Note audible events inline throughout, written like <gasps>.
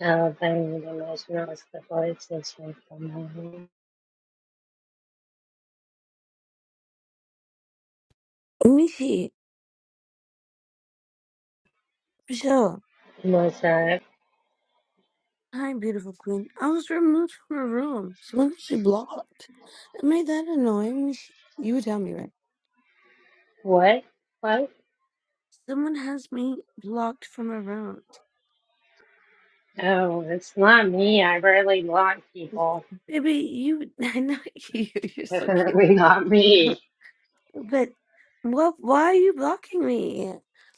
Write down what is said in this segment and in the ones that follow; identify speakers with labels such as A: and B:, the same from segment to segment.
A: Alabama, the National Athletic System from home.
B: Michi, Michelle,
A: Was that
B: hi, beautiful queen. I was removed from her room. Someone actually blocked. That made that annoying. Michi, you would tell me, right?
A: what? What?
B: Someone has me blocked from her room.
A: Oh, it's not me. I rarely block people.
B: Baby, you, <laughs> I know you, you're
A: <laughs>
B: so cute.
A: Definitely not
B: <laughs>
A: me.
B: but what, why are you blocking me?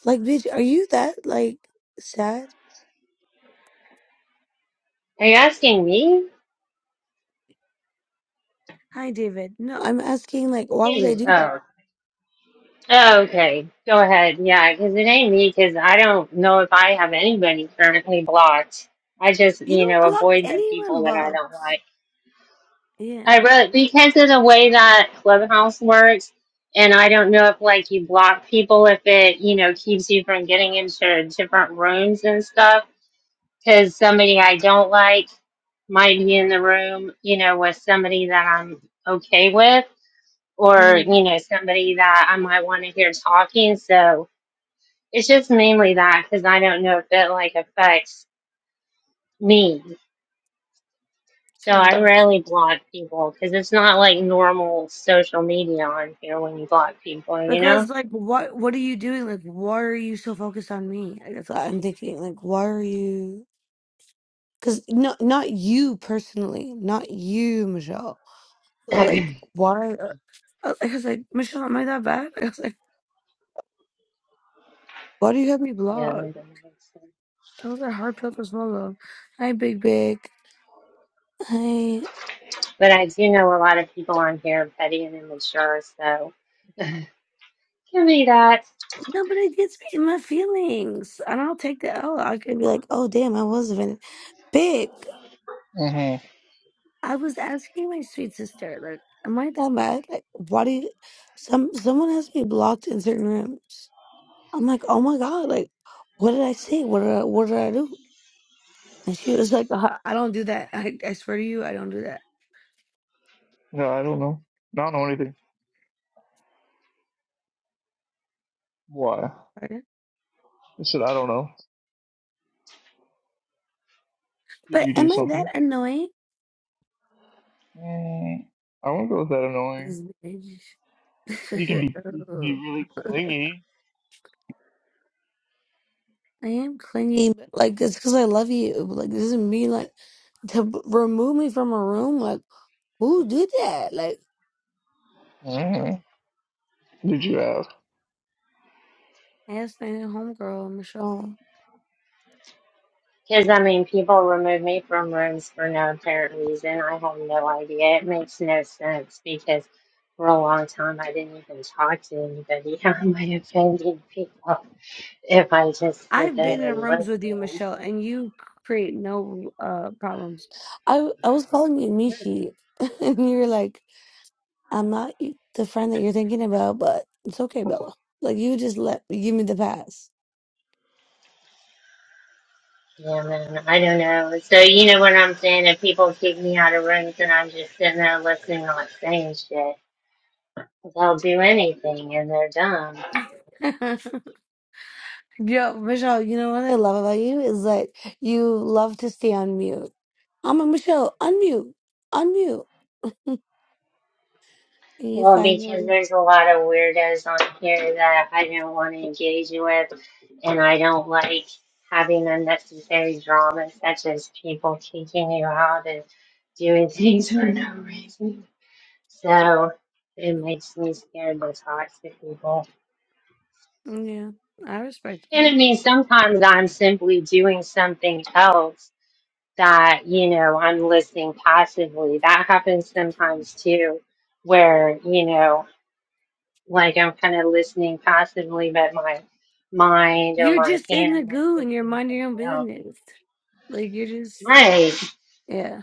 B: Like, bitch, are you that, like, sad?
A: Are you asking me?
B: Hi, David. No, I'm asking, like, why would I
A: Again,
B: do
A: Oh.
B: that?
A: Oh, okay. Go ahead. Yeah, because it ain't me, because I don't know if I have anybody currently blocked. I just,
B: You
A: you
B: don't
A: know,
B: block
A: avoid the
B: anyone,
A: people that I don't
B: Bubs.
A: like.
B: Yeah.
A: I really because of the way that Clubhouse works, and I don't know if like you block people if it you know keeps you from getting into different rooms and stuff. Because somebody I don't like might be in the room, you know, with somebody that I'm okay with, or you know, somebody that I might want to hear talking. So it's just mainly that because I don't know if it like affects me. So I
B: Mm-hmm.
A: rarely block people because it's not like normal social media on here when you block people, you know?
B: Because
A: <laughs>
B: like what what are you doing? Like why are you so focused on me? Like, That's what I'm thinking. Like why are you because not not you personally, not you, Michelle,
A: <clears throat>
B: but like why are- I I was like, Michelle, am I that bad? <laughs> I was like, why do you have me
A: Yeah,
B: blocked?
A: that doesn't make sense.
B: That was a hard pill to swallow. Hi, Big Big. Hi.
A: But I do know a lot of people on here are petty and immature, so give me that.
B: No, but it gets me in my feelings. And I'll take the L. I could be like, oh damn, I was a villain. Big.
C: hmm
B: I was asking my sweet sister, like, am I that bad? Like, why do you, some someone has me blocked in certain rooms? I'm like, oh my god, like, what did I say? What did I, what did I do? And she was like, uh, I don't do that. I, I swear to you, I don't do that.
C: Yeah, I don't know. I don't know anything. Why?
B: Pardon?
C: I said I don't know. Did
B: But
C: you do
B: am I that
C: something?
B: annoying?
C: Mm, I won't go with that annoying.
B: Yes, bitch.
C: You can
B: <laughs>
C: be you can
B: Oh.
C: be really clingy.
B: I am clingy, but like it's because I love you. Like this doesn't mean like to b- remove me from a room. Like who did that? Like
C: hmm Did you ask?
B: I asked my homegirl Michelle.
A: Because, I mean, people remove me from rooms for no apparent reason. I have no idea. It makes no sense because for a long time I didn't even talk to anybody. <laughs> How am I offending people if I just sit
B: I've been
A: there
B: in
A: and
B: rooms with you,
A: listen?
B: Michelle, and you create no uh problems. I I was calling you Mishi, <laughs> and you were like, "I'm not y- the friend that you're thinking about, but it's okay, Bella." Like you just let give me the pass.
A: Yeah, man, I don't know. So you know what I'm saying? If people kick me out of rooms and I'm just sitting there listening, not saying shit, they'll do anything and they're dumb.
B: <laughs> Yo, Michelle, you know what I love about you is that you love to stay on mute. I'm a Michelle, unmute, unmute, and you
A: Well, because
B: finally,
A: there's a lot of weirdos on here that I don't want to engage with, and I don't like having unnecessary drama, such as people kicking you out and doing <laughs> things for no reason. So it makes me scared to talk to people.
B: yeah, I respect
A: And I
B: them.
A: mean, sometimes I'm simply doing something else that, you know, I'm listening passively. That happens sometimes too, where, you know, like I'm kind of listening passively, but my mind or
B: You're
A: my
B: just in
A: hands
B: the
A: are
B: goo,
A: still
B: and you're
A: doing
B: minding your
A: something
B: own
A: else.
B: business. Like you're just
A: Right.
B: Yeah.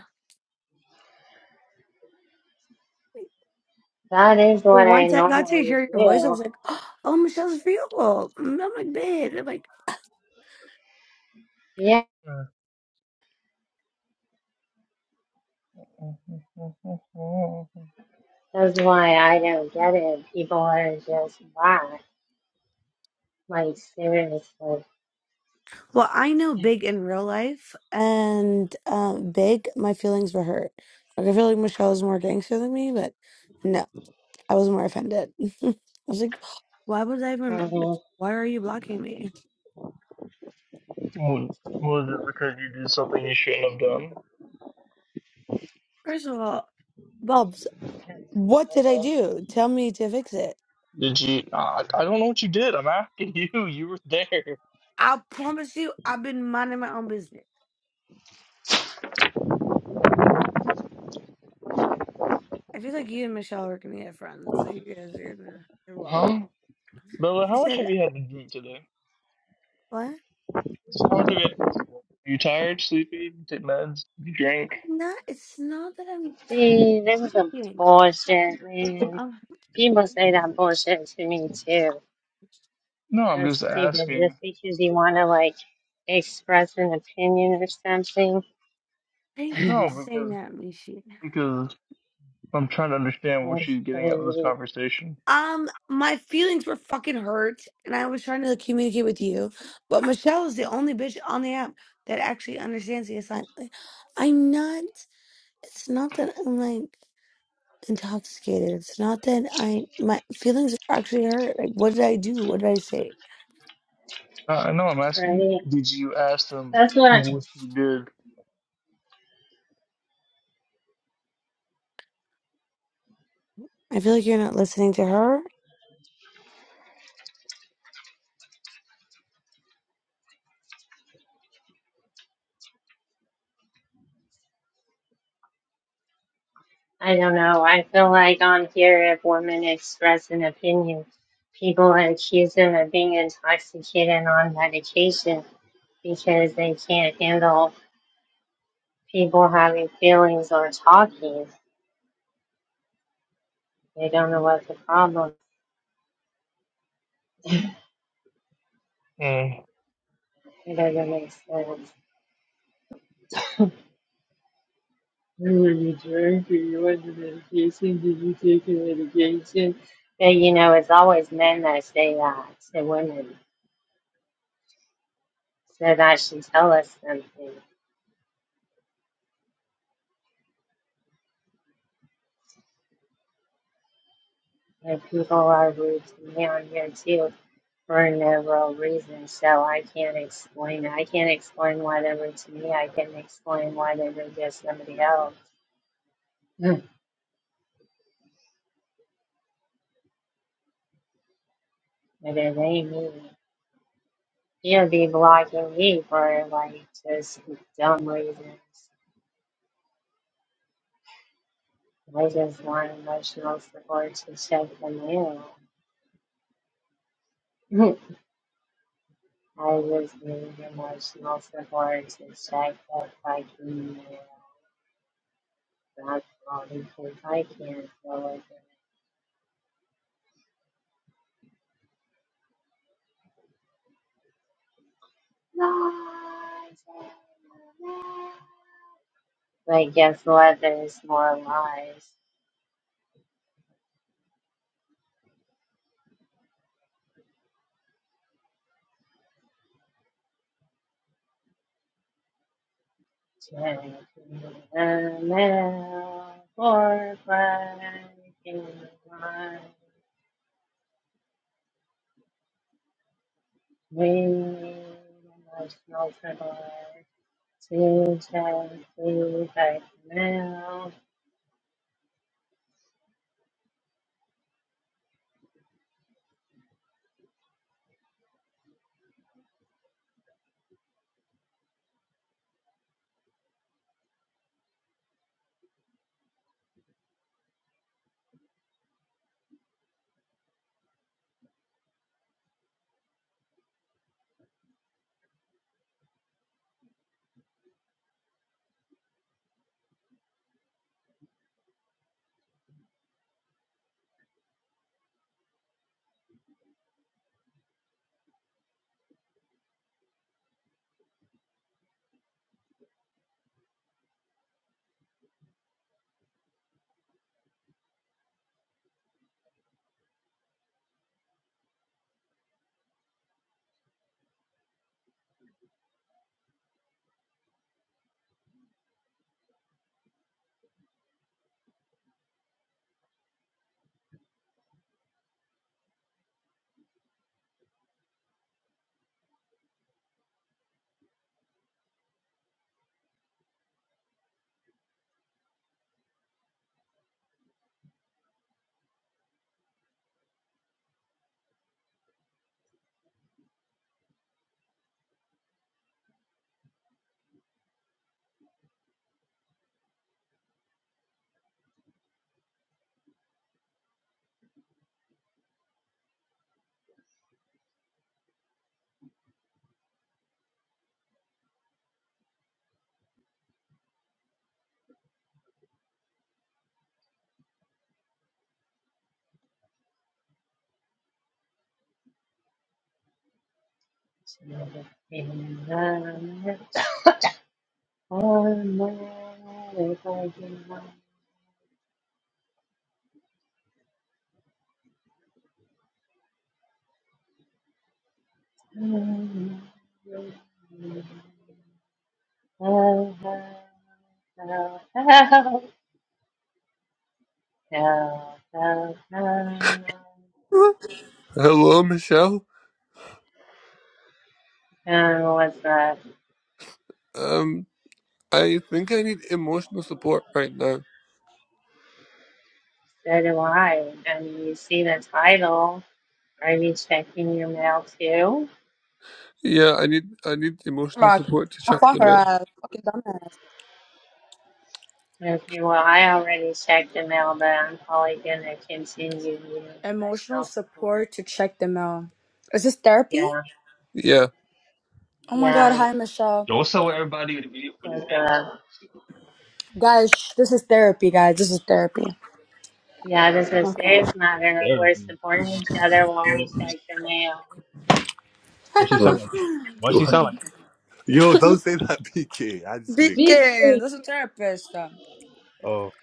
A: That is
B: But
A: what I
B: once I got to
A: normally
B: hear your voice, I
A: do.
B: was like, <gasps> oh, Michelle's real. Mm, I'm like, big. I'm like,
A: Yeah. That's why I don't get it. People are just whack. Like, seriously.
B: well, I know Big in real life, and um, Big, my feelings were hurt. Like, I feel like Michelle was more gangster than me, but no, I was more offended. <laughs> I was like, <gasps> why was I even, like,
A: hmm
B: why are you blocking me?
C: Well, was it because you did something you shouldn't have done?
B: First of all, Bubs, what did I do? Tell me to fix it.
C: Did you? I, I don't know what you did. I'm asking <laughs> you. You were there.
B: I promise you, I've been minding my own business. I feel like you and Michelle are gonna get friends. So you guys are gonna get along.
C: Huh? Bella,
B: I
C: how much
B: said,
C: have you had to drink today?
B: "What?
C: How much have you had to drink? Are you tired, sleepy, take meds, you drink?
B: I'm not. It's not that I'm tired of
A: See, this is a
B: drinking.
A: bullshit, man.
B: Um,
A: People say that bullshit to me too.
C: No, I'm
A: That's
C: just
A: stupid.
C: asking.
A: Just because you want to like express an opinion or something,
B: thank you for
C: No,
B: saying
C: because
B: that, Michi.
C: because I'm trying to understand what
A: that's
C: she's getting at with this
A: crazy,
C: conversation.
B: Um, my feelings were fucking hurt, and I was trying to communicate with you, but Michelle is the only bitch on the app that actually understands the assignment. Like, I'm not. It's not that I'm like intoxicated. It's not that I my feelings are actually hurt. Like, what did I do? What did I say?
C: I I know I'm asking.
A: right?
C: Did you ask them
A: That's what I
C: what you
B: I feel like you're not listening to her.
A: I don't know. I feel like on here, if women express an opinion, people accuse them of being intoxicated on medication because they can't handle people having feelings or talking. They don't know what the problem
C: did?
A: It doesn't make sense. <laughs> Mercury wasn't medication. Did you take your medication? But you know, it's always men that say that to women. So that should tell us something. And people are rude to me on here too for no real reason. So I can't explain it. I can't explain why they were to me. I can explain why they were to somebody else. <laughs> Mm. But it ain't me. He'll be blocking me for like just dumb reasons. I just want emotional support to check them in. <laughs> I just need emotional support to check up like email. That's all because I can't go again. But guess what? There's more lies. Check email for breaking one. We need emotional support. <laughs> I now, to the kingdom. Oh, man, if I can find you. help, help, help, help,
D: <laughs> Hello, Michelle.
A: help, Was that
D: Um, I think I need emotional support right now.
A: so do I? And you see the title. Are you checking your mail too?
D: Yeah, I need I need emotional
E: Mark,
D: support to
E: I
D: check
E: fought
D: the
E: her
D: mail.
E: ass. Fucking dumbass.
A: Okay, well, I already checked the mail, but I'm probably gonna continue needing
E: Emotional
A: emotional support.
E: support to check them out. Is this therapy?
A: Yeah,
D: Yeah.
E: Oh my god,
A: yeah,
E: hi Michelle.
F: Also, everybody with with
A: like,
F: his
A: uh,
F: attitude. and shit.
E: Guys, shh, this is therapy, guys. This is therapy.
A: yeah, this is a
G: Okay.
A: serious
F: Like
A: matter. We're
F: therapy.
A: supporting each other while we
F: Oh,
A: check the mail.
F: what she
D: <laughs>
F: sound
D: Alright.
F: like? What she sound like?
D: Yo, don't say that, <laughs> PK. I'm just kidding.
G: Big
E: Beacon, this is therapist.
F: Oh,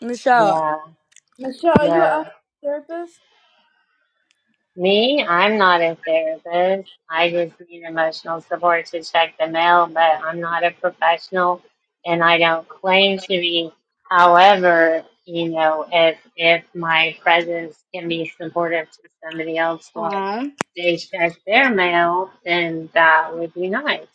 E: Michelle.
A: Yeah,
G: Michelle, are you a
A: yeah.
G: therapist?
A: Me, I'm not a therapist. I just need emotional support to check the mail, but I'm not a professional and I don't claim to be. However, you know, if if my presence can be supportive to somebody else while
E: Aww.
A: they check their mail, then that would be nice.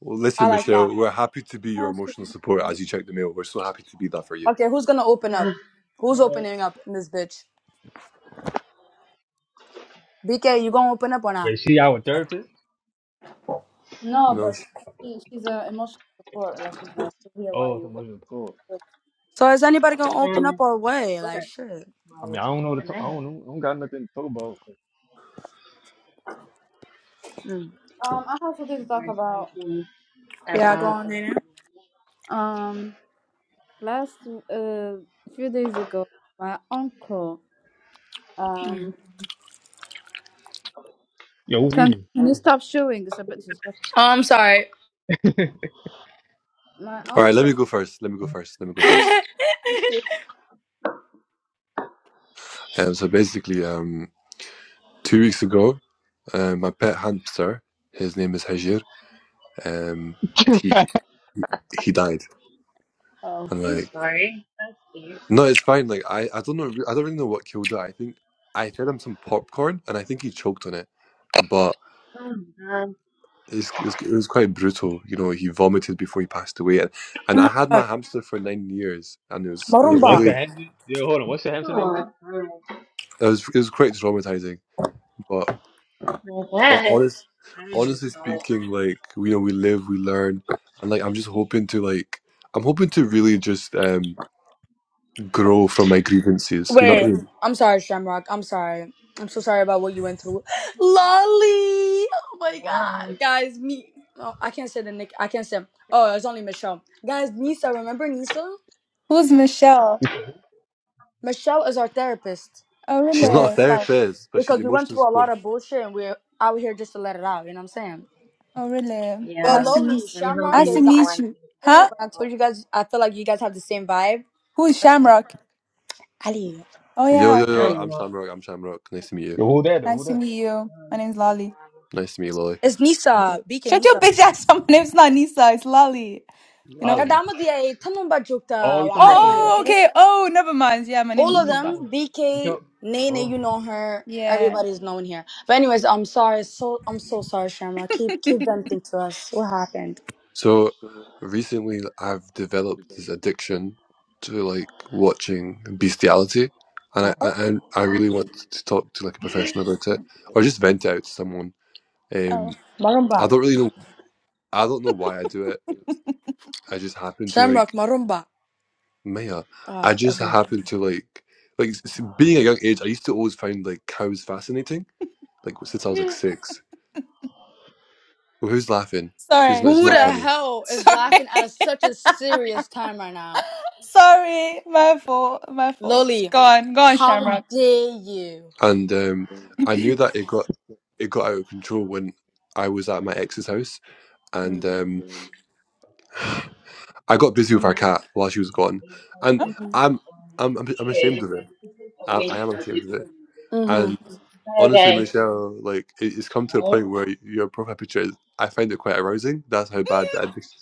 D: Well,
E: I
D: listen,
E: like that.
D: Michelle, we're happy to be your
G: Ah, she's
D: emotional support
G: not.
D: as you check the mail. We're so happy to be that for you.
E: Okay, who's gonna open up?
A: <sighs>
E: Who's opening up in this bitch? BK, you gonna open up or not?
F: wait, she our therapist?
G: No,
D: No.
G: but she, she's a emotional support. Like she's a she's here while
F: Oh, so
G: you?
F: much is cool.
E: So is anybody gonna open
A: And
E: up or way? Like
A: support
E: shit.
F: I
A: while we
F: mean, I don't know what
A: check
F: to
A: the
F: talk. I
A: mail.
F: don't know. I don't got nothing to talk about.
E: Mm.
G: Um, I have something to talk
A: There's
G: about.
A: nothing
E: Yeah, go
A: about
E: on,
A: the mail.
E: Nina.
G: Um, last uh few days ago, my uncle
E: Mm.
G: um
F: Yo, who's
G: can
F: eating?
G: can you stop showing? It's a bit disrespectful.
E: Oh, I'm sorry.
F: <laughs>
G: My
D: All right, let
G: uncle.
D: me go first. Let me go first. Let me
E: <laughs>
D: go
G: Oh,
D: first.
E: oh
G: okay.
D: Um, so basically, um, two weeks ago, uh, my pet hamster, his name is Hajir, um, he he died.
G: Oh,
D: And
A: I'm
D: like
A: sorry, that's cute.
D: No, it's fine. Like I, I don't know. I don't really know what killed it. I think I fed him some popcorn, and I think he choked on it. But
A: Um,
D: it's, it, was, it was quite brutal. You know, he vomited before he passed away, and, and I
E: my
D: had
E: god.
D: my hamster for nine years, and it was it
F: Yo,
D: was
F: what's
E: Marumba.
F: the
D: really
F: Hampton? Yo, hold on. What's the Hampton name
A: Oh,
F: again?
A: all
D: it was it was quite traumatizing. But
A: right. I
D: ho-
A: guess.
D: honest,
A: I
D: honestly
A: just wanted to
D: speaking, like you know, we live, we learn, and like I'm just hoping to like I'm hoping to really just um grow from my grievances. You know what I
E: Wait,
D: mean?
E: I'm sorry, Shamrock. I'm sorry. I'm so sorry about what you went through. <gasps> Lolly! Oh my god.
A: around.
E: Guys, me. Oh, I can't say the nick. I can't say. Oh, it's only Michelle. Guys, Nisa, remember Nisa?
H: Who's Michelle?
F: You said who?
E: Michelle is our therapist.
H: Oh
D: She's
E: We're
D: not
E: here
D: a
H: really?
E: to like.
D: therapist, but she's
E: Because we went
D: emotional
E: through a
D: support.
E: lot of bullshit and we're out here just to let it out, you know what I'm saying?
H: Oh really?
E: But
A: Yeah.
H: Nice to meet.
E: Lolly,
A: I'm
E: Shamrock
H: Nice
A: hoping
H: to
E: is. I,
A: everyone
H: meet you.
A: keeps
E: when
H: Huh?
E: I told you guys, I feel like you guys have the same vibe.
H: Who is Shamrock?
E: Ali.
H: Oh
D: Yo,
H: yeah.
D: yo,
A: I
D: yo,
H: Okay.
A: don't
D: I'm
A: know.
D: Shamrock. I'm Shamrock. Nice to meet you.
F: Yo, who that though?
H: Nice
F: Who
H: to
F: that?
H: meet you.
A: I don't
H: My
A: know
H: name's Lolly.
A: who
D: Nice to meet you, Lolly.
E: It's Nisa. Beacon
H: Shut your
E: Nisa.
H: bitch ass up. <laughs> My name's not Nisa. It's Lolly. You know?
E: That
F: Lolly.
E: diya eh, tamam ba
F: Oh,
E: jokta
F: you
H: Oh
E: wa
F: talking about from?
E: Ali,
F: Wal-
H: oh,
E: okay?
H: okay. Oh never mind. Yeah, my
F: Oh,
E: all
H: name's
F: you
E: of
F: talking
H: Nisa.
E: them,
F: about? You
E: BK,
F: talk?
E: Nene, you know her.
H: Yeah.
E: Everybody's known here. But anyways, I'm sorry. So I'm so sorry, Shamrock. Keep keep venting to us. What happened?
D: So, recently I've developed this addiction to like watching bestiality, and I,
E: Oh,
D: I,
H: Oh.
D: and I really
F: Oh,
D: want to talk to like a professional about it or just vent it out to someone. Um,
H: oh.
D: I
E: Marumba.
D: don't really know, I don't know why I do it. I just happen to
E: Shamrock,
D: like,
E: Marumba.
D: Maya,
E: Oh,
D: I just
E: okay.
D: happen to like, like s- being a young age, I used to always find like cows fascinating, like since I was
A: they
D: like
A: are.
D: six. Well, who's laughing? Who's
H: Sorry.
D: not, it's
E: Who
D: not
E: the
H: Sorry.
D: funny.
H: <laughs>
E: hell is
H: Sorry.
E: laughing at such a serious time right now?
H: <laughs> sorry. My fault. My fault.
E: Loli,
H: Go on. Go on,
E: how
H: Shamrock.
E: dare you?
D: and um, I knew that it got it got out of control when I was at my ex's house, and
E: Mm.
D: um, I got busy
E: Oh
D: with
E: my
D: our
E: god.
D: cat while she was gone, and
H: Huh?
E: hmm
D: I'm I'm I'm, I'm ashamed of it. I, I am ashamed of it.
E: hmm
D: And honestly,
A: Okay.
D: Michelle, like it, it's come to a point where your profile picture is. I find it quite arousing. That's how bad the addiction.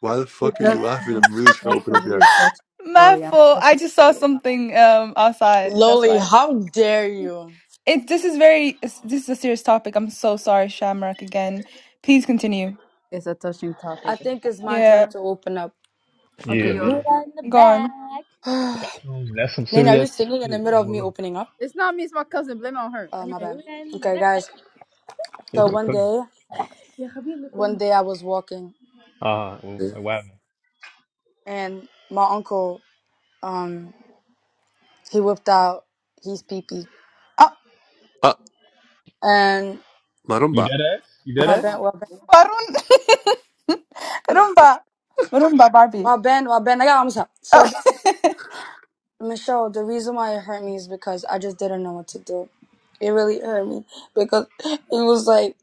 D: Why the
G: well,
D: fuck are you
G: that's
D: laughing?
G: that's,
D: I'm really trying
G: that's
D: to open
G: a
D: up here.
G: really touching
H: My
G: story. I'm
H: fault.
G: so
H: I just saw
G: sorry.
H: something um outside. That's
E: Loli,
H: why.
E: how dare you?
H: It this is very this is a serious topic. I'm so sorry, Shamrock. Again, please continue.
G: It's a touching topic.
E: I think it's my
H: Yeah,
E: turn to open up.
G: Okay,
F: yeah,
G: you
D: Yeah.
F: man.
G: We're okay? in the
H: go on.
G: back.
E: <sighs>
F: That's
E: Nene,
F: some that's some
E: are you
F: serious
E: singing in the
F: shit.
E: middle
F: I'm
E: of
F: gonna
E: me
F: lie.
E: opening up?
G: It's not me. It's my cousin. Blame it on her.
E: Oh, my
G: Anyway.
E: bad. Okay, guys. So
F: That's your
E: one
F: cousin.
E: day, one day I was walking
F: Uh well,
D: yeah.
F: wow.
E: and my uncle, um, he whipped out his PP
H: Ah,
D: Ah,
E: and
F: You
D: Marumba.
F: dead ass? You dead
E: my
F: ass?
E: band, my band,
H: Varun, <laughs> Rumba, Rumba, Barbie.
E: my band, well, band. I got almost up. So
H: Okay,
E: Michelle, the reason why it hurt me is because I just didn't know what to do. It really hurt me because it was like,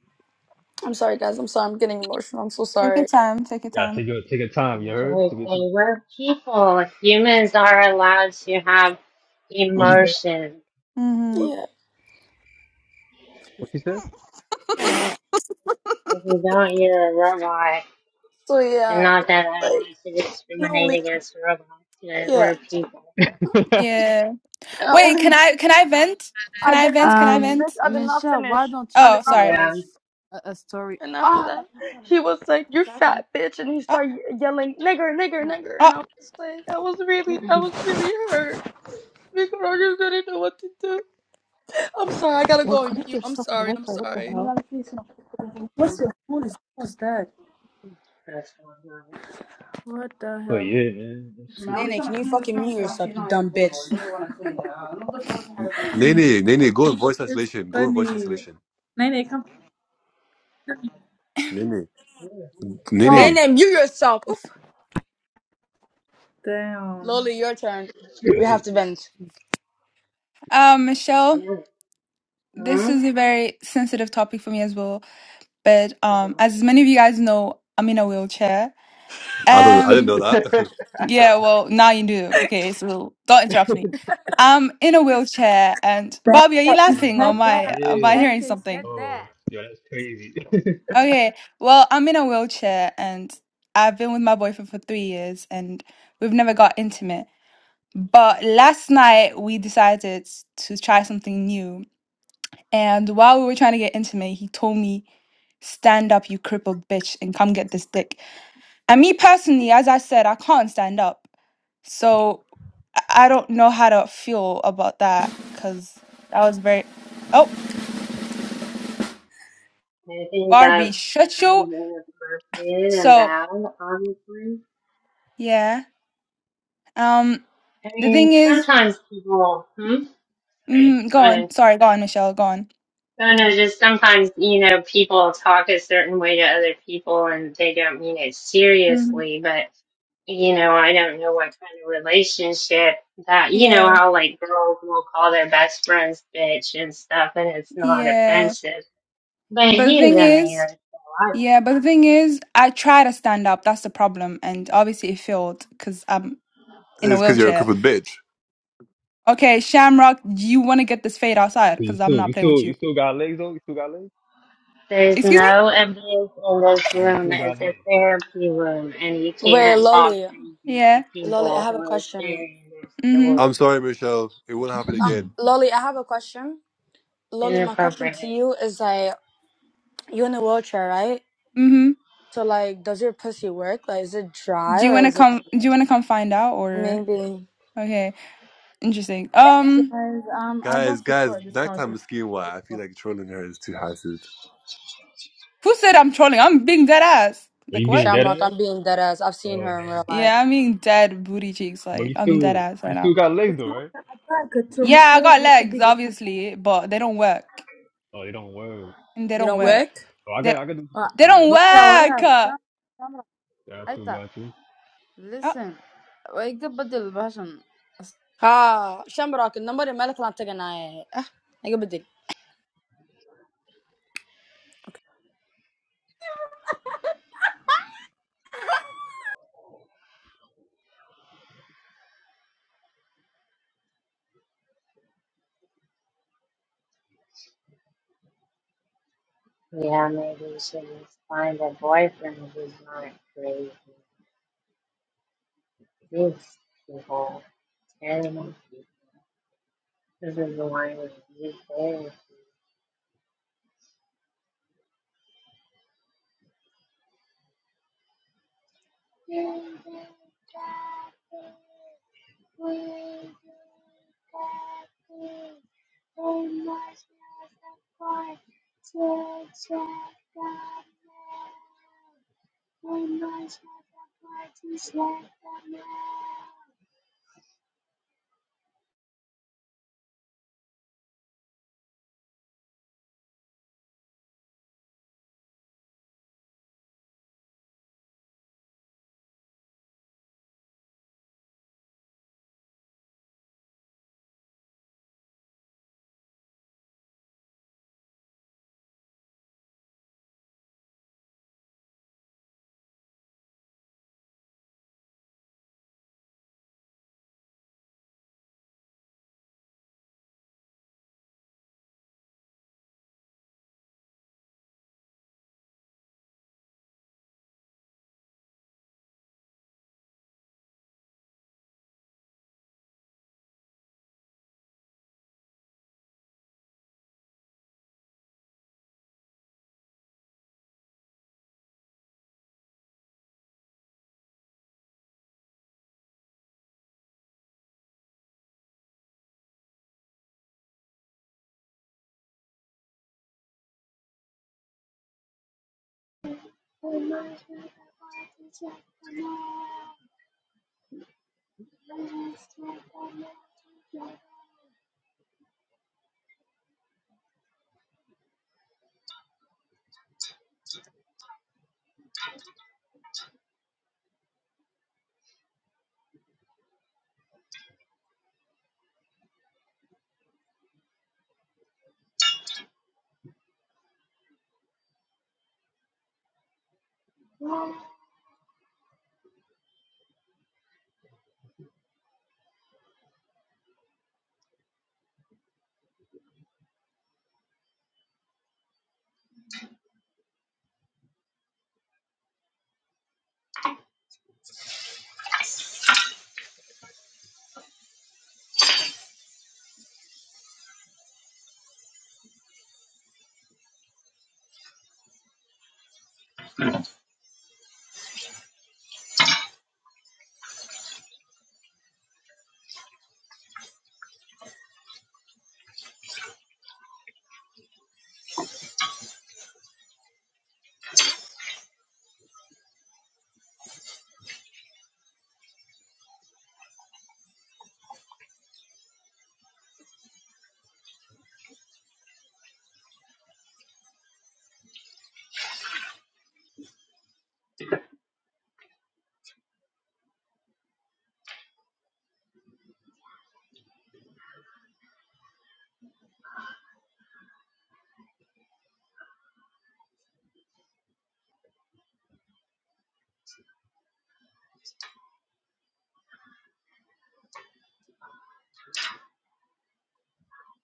E: I'm sorry, guys. I'm sorry. I'm getting emotional. I'm so
H: <laughs> take your
E: sorry.
H: time. Take your
F: Yeah,
H: time.
F: take your take your
A: So
F: time, you heard? Take your time.
A: okay, we're people. Humans are allowed to have
F: What she
H: Mm.
F: said?
A: emotion.
H: hmm
F: What?
E: Yeah.
F: What she said?
A: If you don't, you're a robot.
E: So
A: And
E: yeah,
A: not that I
E: like
A: want to
E: not
A: discriminate
E: only
A: against robots, but
E: yeah,
A: we're people.
F: <laughs>
H: Yeah.
E: not
H: Wait, can
E: only
H: I can I vent? Can
E: I
H: I
E: did not
H: vent? Can I
E: finish,
G: Um,
E: bitch.
H: vent?
E: I did not
G: Michelle, why
E: finish.
G: don't
E: I
G: you
H: Oh,
E: did not
G: tell
H: sorry.
A: Yeah.
E: finish.
G: us a, a story?
E: And after
G: Ah,
E: that, he was like, "You fat bitch," and he
H: Oh,
E: started yelling, "Nigger, nigger, nigger,"
H: oh.
E: and I was like, I was really, I was really hurt because I just didn't know what to do. I'm sorry, I gotta go on mute. I'm sorry, I'm sorry.
A: That's what i
F: but yeah, man. That shit
G: I'm
E: Nene,
G: trying
E: can
G: to
E: you
G: clean this
E: fucking
G: room,
E: mute
G: so it's
E: yourself,
G: actually
E: you
G: not even
E: dumb
G: cleanable.
E: bitch?
G: I really want to clean it. Uh, I'm just wondering to clean it.
D: Nene, Nene, go in voice
G: It's
D: isolation. Go in voice
G: funny.
D: isolation.
G: Nene, come
D: Nene,
A: Yeah.
G: on.
D: Nene.
E: Nene, mute yourself. Oof. Loli, your turn.
A: That's-
E: We have
F: good.
E: to vent.
H: Um, Michelle, this
A: yeah.
H: is a very sensitive topic for me as well. But
A: Hmm?
H: um, as many of you guys know, I'm in a wheelchair.
D: I don't. I didn't
H: Um.
D: know that.
F: <laughs>
D: <laughs> sorry.
H: Yeah, well, now you do. Okay, so don't interrupt me. I'm in a wheelchair, and
G: back
H: Bobby, are you laughing or
F: Damn.
H: am I am I
F: Yeah.
G: damn
H: hearing
G: taste get
H: something?
G: that
F: Oh, yo, that's crazy. <laughs>
H: Okay, well, I'm in a wheelchair, and I've been with my boyfriend for three years, and we've never got intimate. But last night we decided to try something new, and while we were trying to get intimate, he told me, "Stand up, you crippled bitch, and come get this dick." And me personally, as I said, I can't stand up. So I I don't know how to feel about that because that was very. Oh,
A: I think
H: Barbie,
A: that's
H: shut
A: kind
H: you.
A: of appropriate and
H: So
A: valid, obviously.
H: yeah. Um,
A: I
H: the
A: mean,
H: thing is,
A: sometimes people, hmm? Sorry,
H: mm, go
A: go
H: on.
A: ahead.
H: Sorry, go on, Michelle. Go on.
A: No, no, just sometimes, you know, people talk a certain way to other people and they don't mean it
H: hmm
A: seriously, but, you know, I don't know what kind of relationship that, you know,
H: Yeah,
A: how like girls will call their best friends bitch and stuff and it's not
H: yeah.
A: offensive. But
H: But the
A: he's a
H: thing is,
A: man, so I don't
H: yeah. But the thing is, I try to stand up. That's the problem, and obviously it failed because I'm in a
D: It's because
F: yeah.
D: you're a
H: wheelchair.
D: crippled bitch.
H: Okay, Shamrock, do you want to get this fade outside?
F: So You
H: Because I'm
F: still
H: not
F: you
H: playing
F: still
H: with you.
F: you still got legs though? You still got legs?
A: There's
H: Excuse me?
A: no abuse in this
F: You
A: room.
F: still got
A: It's a
F: legs.
A: therapy room, and you
E: Wait,
A: can't talk
E: Lolly.
A: crazy
H: Yeah.
A: to
E: Lolly, I
A: people
E: have
A: who
E: a
A: are
E: question.
A: sharing their
H: Mm-hmm.
A: story.
D: I'm sorry, Michelle. It won't happen
E: Um,
F: Mm.
D: again.
E: Lolly, I have a question. Lolly, my question
A: Inappropriate.
E: to you is like, you in a wheelchair, right?
H: Mm-hmm.
E: So like, does your pussy work? Like, is it dry
H: Do you
E: or
H: wanna
E: is it like
H: come do
E: wet?
H: you wanna come find out or
E: maybe
H: okay. Interesting. Um
G: guys, um, I
D: Guys,
G: don't
D: guys,
G: support this
D: nighttime
G: conversation.
D: is skiing why I feel like trolling her is too high
H: who said I'm trolling? I'm being dead ass.
F: Are
H: Like
F: you being
H: what?
F: dead
E: Shamrock?
F: ass?
E: I'm being dead ass. I've seen
F: Oh
E: her in real
F: man.
E: life.
H: Yeah, I'm being dead booty cheeks,
F: But
H: like
F: you
H: I'm dead
F: still
H: ass
F: you
H: right now.
F: still got legs
G: it's
F: though,
G: not
F: right?
G: like a
H: Yeah, I
G: traumatized
H: got
G: with the
H: legs,
G: digging.
H: obviously, but they don't work.
F: Oh, they don't work.
H: And they
E: They
H: don't
E: don't
H: work.
E: work.
F: Oh, I
H: They
F: got, I got. the-
G: Uh,
H: they
F: Yeah,
H: don't
F: that's,
G: but yeah, what
H: work.
G: up? Come-
F: got
G: come
F: you,
G: on.
F: got you.
H: Uh
G: Listen, wake up with the passion.
E: Ah, Shamrock. number the number النمر مالك اللي عم تقنعي.
A: Yeah, maybe you should just find a boyfriend who's not crazy. These people, terrible people. This is the one with these things.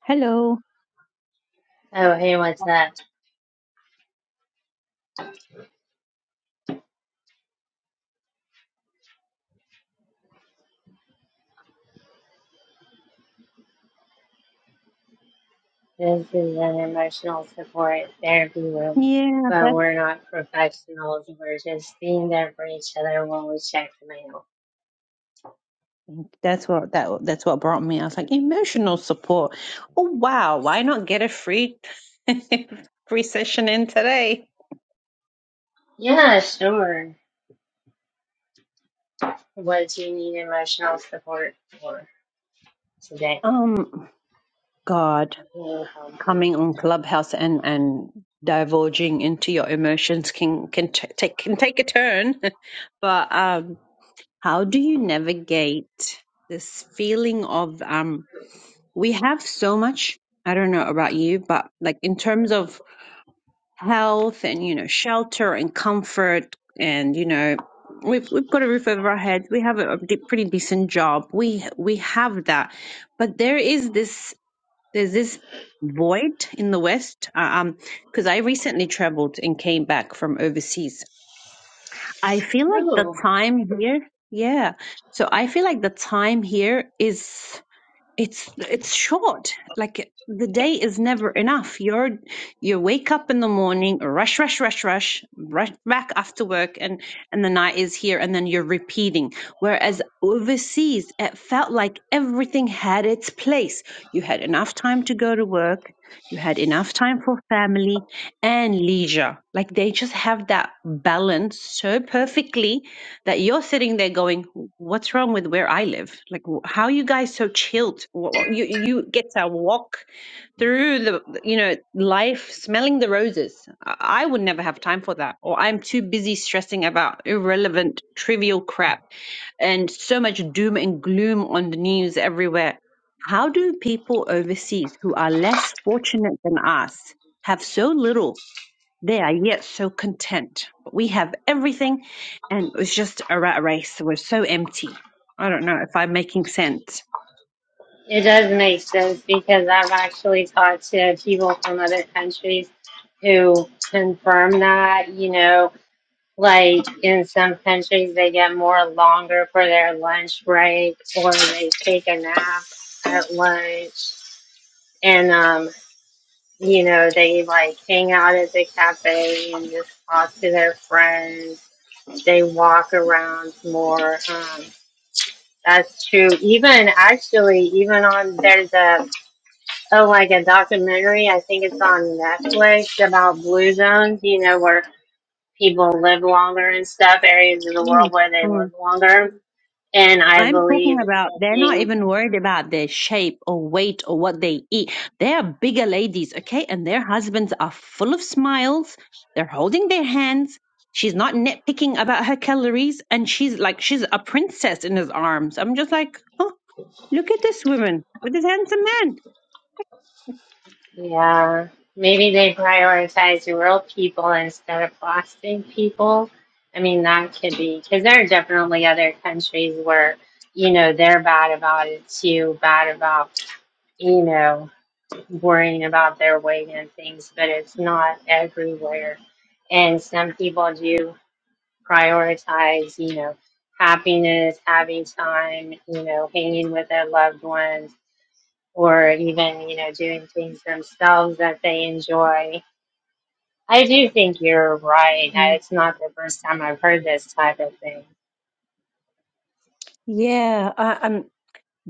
I: Hello.
A: Oh, hey, what's up? This is an emotional support therapy room,
I: Yeah,
A: but
I: that
A: we're not professionals. We're just being there for each other while we check the mail.
I: that's what that that's what brought me. I was like, emotional support. Oh wow, why not get a free <laughs> free session in today?
A: Yeah, sure. What do you need emotional support for today?
I: Um, God,
A: Who helped you?
I: coming on Clubhouse and and divulging into your emotions can can t- take can take a turn. <laughs> but um, how do you navigate this feeling of um? We have so much. I don't know about you, but like in terms of health and you know shelter and comfort and you know we've we've got a roof over our heads we have a, a de- pretty decent job we we have that but there is this there's this void in the west uh, um because i recently traveled and came back from overseas i feel like the
A: No,
I: time here yeah so i feel like the time here is it's it's short like the day is never enough you're you wake up in the morning rush rush rush rush rush back after work and and the night is here and then you're repeating whereas overseas it felt like everything had its place you had enough time to go to work you had enough time for family and leisure like they just have that balance so perfectly that you're sitting there going, "What's wrong with where I live? Like, wh- how are you guys so chilled? Wh- You you get to walk through the you know life, smelling the roses. I I would never have time for that, or I'm too busy stressing about irrelevant, trivial crap, and so much doom and gloom on the news everywhere. How do people overseas who are less fortunate than us have so little?" They are yet so content. But we have everything, and it's just a rat race. We're so empty. I don't know if I'm making sense.
A: it does make sense because I've actually talked to people from other countries who confirm that. You know, Like in some countries, they get more longer for their lunch break, or they take a nap at lunch, and um, you know they like hang out at the cafe and just talk to their friends. They walk around more. Um, that's true. Even actually, even on there's a oh like a documentary. I think it's on Netflix about blue zones. You know where people live longer and stuff, areas of the
I: Mm,
A: world where they
I: mm.
A: live longer. And I
I: I'm talking
A: believe the
I: about they're not
A: thing,
I: even worried about their shape or weight or what they eat. They are bigger ladies, okay? And their husbands are full of smiles. They're holding their hands. She's not nitpicking about her calories and she's like she's a princess in his arms. I'm just like, oh, look at this woman with this handsome man.
A: yeah, maybe they prioritize real people instead of plastic people. I mean, that could be, because there are definitely other countries where, you know, they're bad about it too, bad about, you know, worrying about their weight and things, but it's not everywhere. And some people do prioritize, you know, happiness, having time, you know, hanging with their loved ones, or even, you know, doing things themselves that they enjoy. I do think you're right. I- It's not the first time I've heard this type of thing.
I: Yeah, I, I'm.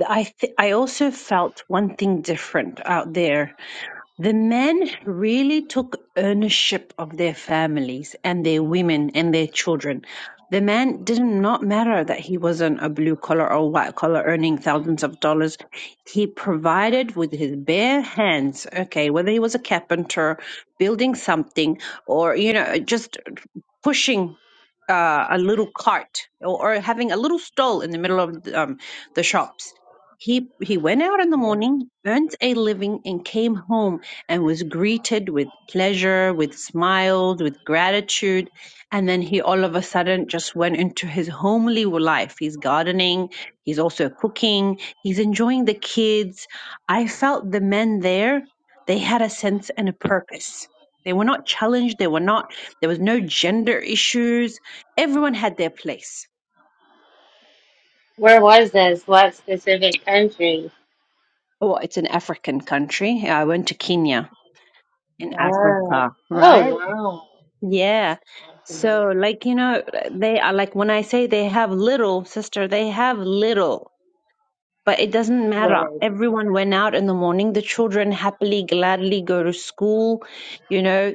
I: I th- I also felt one thing different out there. The men really took ownership of their families and their women and their children. The man did not matter that he wasn't a blue collar or white collar earning thousands of dollars. He provided with his bare hands. Okay, whether he was a carpenter, building something, or you know, just pushing uh, a little cart or, or having a little stall in the middle of the, um, the shops. He he went out in the
A: Yeah.
I: morning, earned a living, and came home and was greeted with pleasure, with smiles, with gratitude. And then he all of a sudden just went into his homely life. He's gardening. He's also cooking. He's enjoying the kids. I felt the men there. They had a sense and a purpose. They were not challenged. They were not there was no gender issues. Everyone had their place.
A: Where was this? What specific country?
I: Oh, it's an African country. I went to Kenya in
A: Oh,
I: Africa, right?
A: oh wow.
I: Yeah. So, like, you know, they are like, when I say they have little, sister, they have little, but it doesn't matter.
A: Right.
I: Everyone went out in the morning. The children happily, gladly go to school, you know,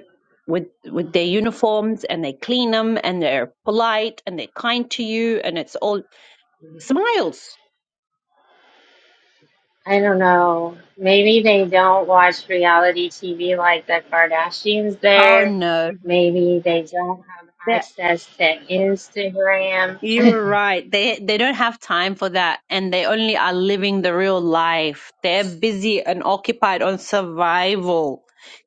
I: with with their uniforms and they clean them and they're polite and they're kind to you and it's all smiles.
A: I don't know. Maybe they don't watch reality TV like the Kardashians
I: Oh
A: there.
I: no.
A: Maybe they don't have access to Instagram.
I: You're right. They they don't have time for that, and they only are living the real life. They're busy and occupied on survival,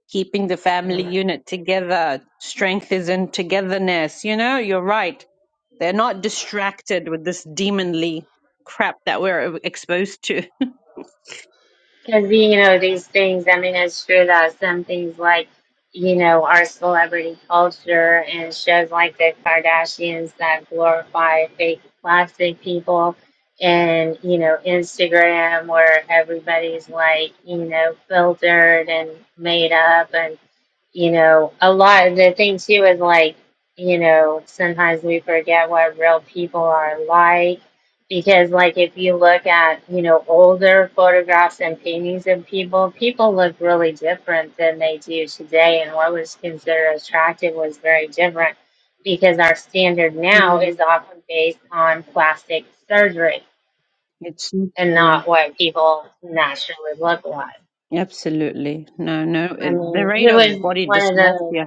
I: keeping the family unit together. Strength is in togetherness. You know, you're right. They're not distracted with this demonly crap that we're exposed to. <laughs>
A: Because, you know, these things, I mean, it's true that some things like, you know, our celebrity culture and shows like the Kardashians that glorify fake plastic people and, you know, Instagram where everybody's like, you know, filtered and made up and you know, a lot of the thing too is like, you know, sometimes we forget what real people are like because like if you look at, you know, older photographs and paintings of people, people look really different than they do today and what was considered attractive was very different because our standard now
I: Mm.
A: is often based on plastic surgery
I: It's not
A: and
I: true.
A: not what people naturally look like.
I: Absolutely. No, no.
A: I
I: It, the
A: mean,
I: rate
A: who
I: of
A: was
I: body
A: one of the
I: dysmorphia.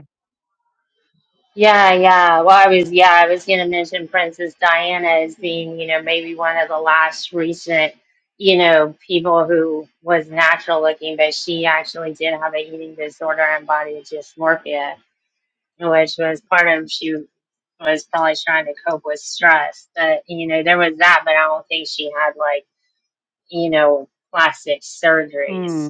A: Yeah, yeah. Well, I was, yeah, I was going to mention Princess Diana as being, you know, maybe one of the last recent, you know, people who was natural looking, but she actually did have an eating disorder and body dysmorphia, which was part of she was probably trying to cope with stress. But, you know, there was that, but I don't think she had like, you know, plastic
I: Hmm.
A: surgeries.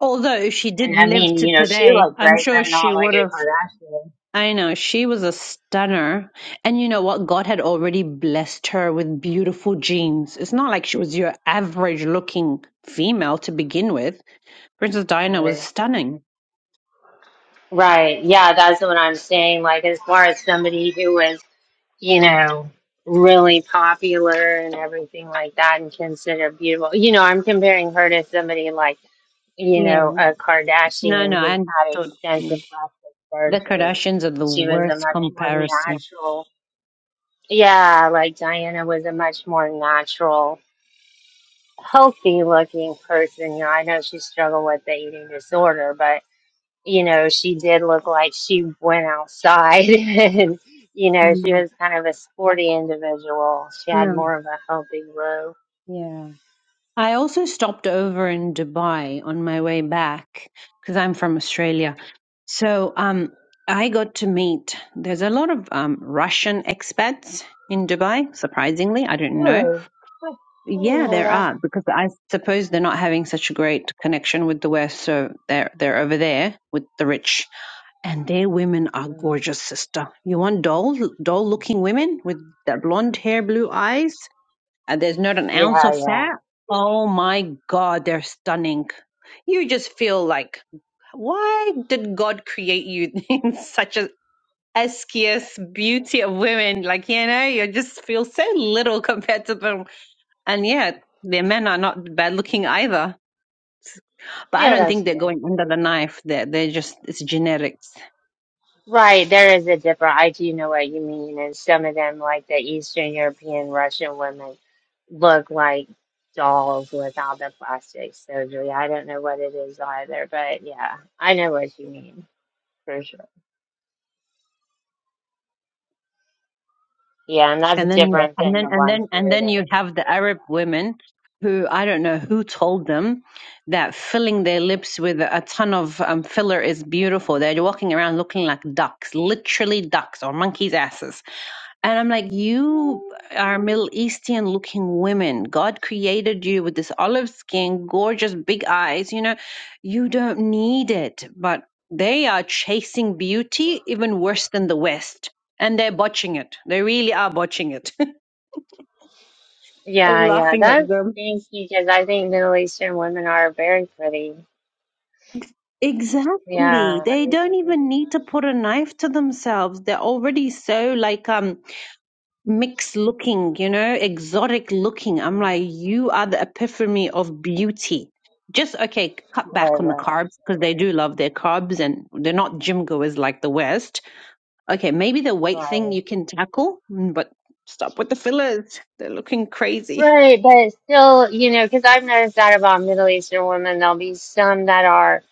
I: Although if she did
A: And I
I: live
A: mean,
I: to
A: you know, she
I: today,
A: looked
I: I'm
A: great,
I: sure
A: but
I: she
A: not like
I: would
A: a
I: have.
A: Kardashian.
I: I know she was a stunner, and you know what? God had already blessed her with beautiful genes. It's not like she was your average-looking female to begin with. Princess Diana was stunning.
A: Right. Yeah, that's what I'm saying. Like, as far as somebody who was, you know, really popular and everything like that and considered beautiful, you know, I'm comparing her to somebody like, you
I: Yeah.
A: know, a
I: No, no,
A: Kardashian
I: I
A: who's had
I: understood. Mm.
A: extensive plastic
I: The
A: surgery.
I: Kardashians are the
A: She was a
I: worst
A: much more
I: comparison.
A: natural, yeah, like Diana was a much more natural, healthy looking person. You know, I know she struggled with the eating disorder, but you know, she did look like she went outside <laughs> and, you know, she
I: Mm.
A: was kind of a sporty individual. She had
I: No.
A: more of a healthy look.
I: Yeah. I also stopped over in Dubai on my way back because I'm from Australia. So um, I got to meet, there's a lot of um, Russian expats in Dubai, surprisingly. I don't know.
A: Really? Huh, I didn't
I: Yeah,
A: know
I: there
A: that.
I: are because I suppose they're not having such a great connection with the West. So they're, they're over there with the rich and their women are
A: Mm.
I: gorgeous, sister. You want doll, doll looking women with the blonde hair, blue eyes? and there's not an ounce
A: Yeah,
I: of
A: yeah.
I: fat. Oh my God, they're stunning. You just feel like, why did God create you <laughs> in such a esquious beauty of women? Like, you know, you just feel so little <laughs> compared to them. And yeah, their men are not bad looking either. But I
A: Yeah,
I: don't
A: that's
I: think they're
A: good.
I: going under the knife. They're, they're just, it's genetics.
A: Right, there is a different, I do know what you mean. And some of them, like the Eastern European Russian women, look like dolls without the plastic surgery. I don't know what it is either, but yeah, I know what you mean for sure. Yeah, and that's
I: And then you,
A: different
I: and
A: than
I: then,
A: the
I: and
A: ones
I: then, and
A: here
I: then
A: that
I: you have the Arab women who, I don't know who told them that filling their lips with a ton of um, filler is beautiful. They're walking around looking like ducks, literally ducks or monkeys' asses. And I'm like, you are Middle Eastern looking women. God created you with this olive skin, gorgeous big eyes. You know, you don't need it. But they are chasing beauty even worse than the West. And they're botching it. They really are botching it. I was
A: Yeah, yeah,
I: laughing at
A: that's
I: them.
A: stinky because I think Middle Eastern women are very pretty.
I: Exactly.
A: Yeah,
I: They
A: I,
I: don't
A: I think they're
I: even need to put a knife to themselves. They're already so like um mixed looking, you know, exotic looking. I'm
A: nice. Um,
I: like, you are the epiphany of beauty. Just okay, cut
A: Right,
I: back on the
A: right,
I: carbs because they do love their carbs and they're not gym goers like the West. Okay, maybe the
A: right.
I: weight thing
A: Right,
I: you can tackle, mm, but stop with the fillers. They're looking crazy.
A: Right, but still, you know, because I've noticed that about Middle Eastern women, there'll be some that are,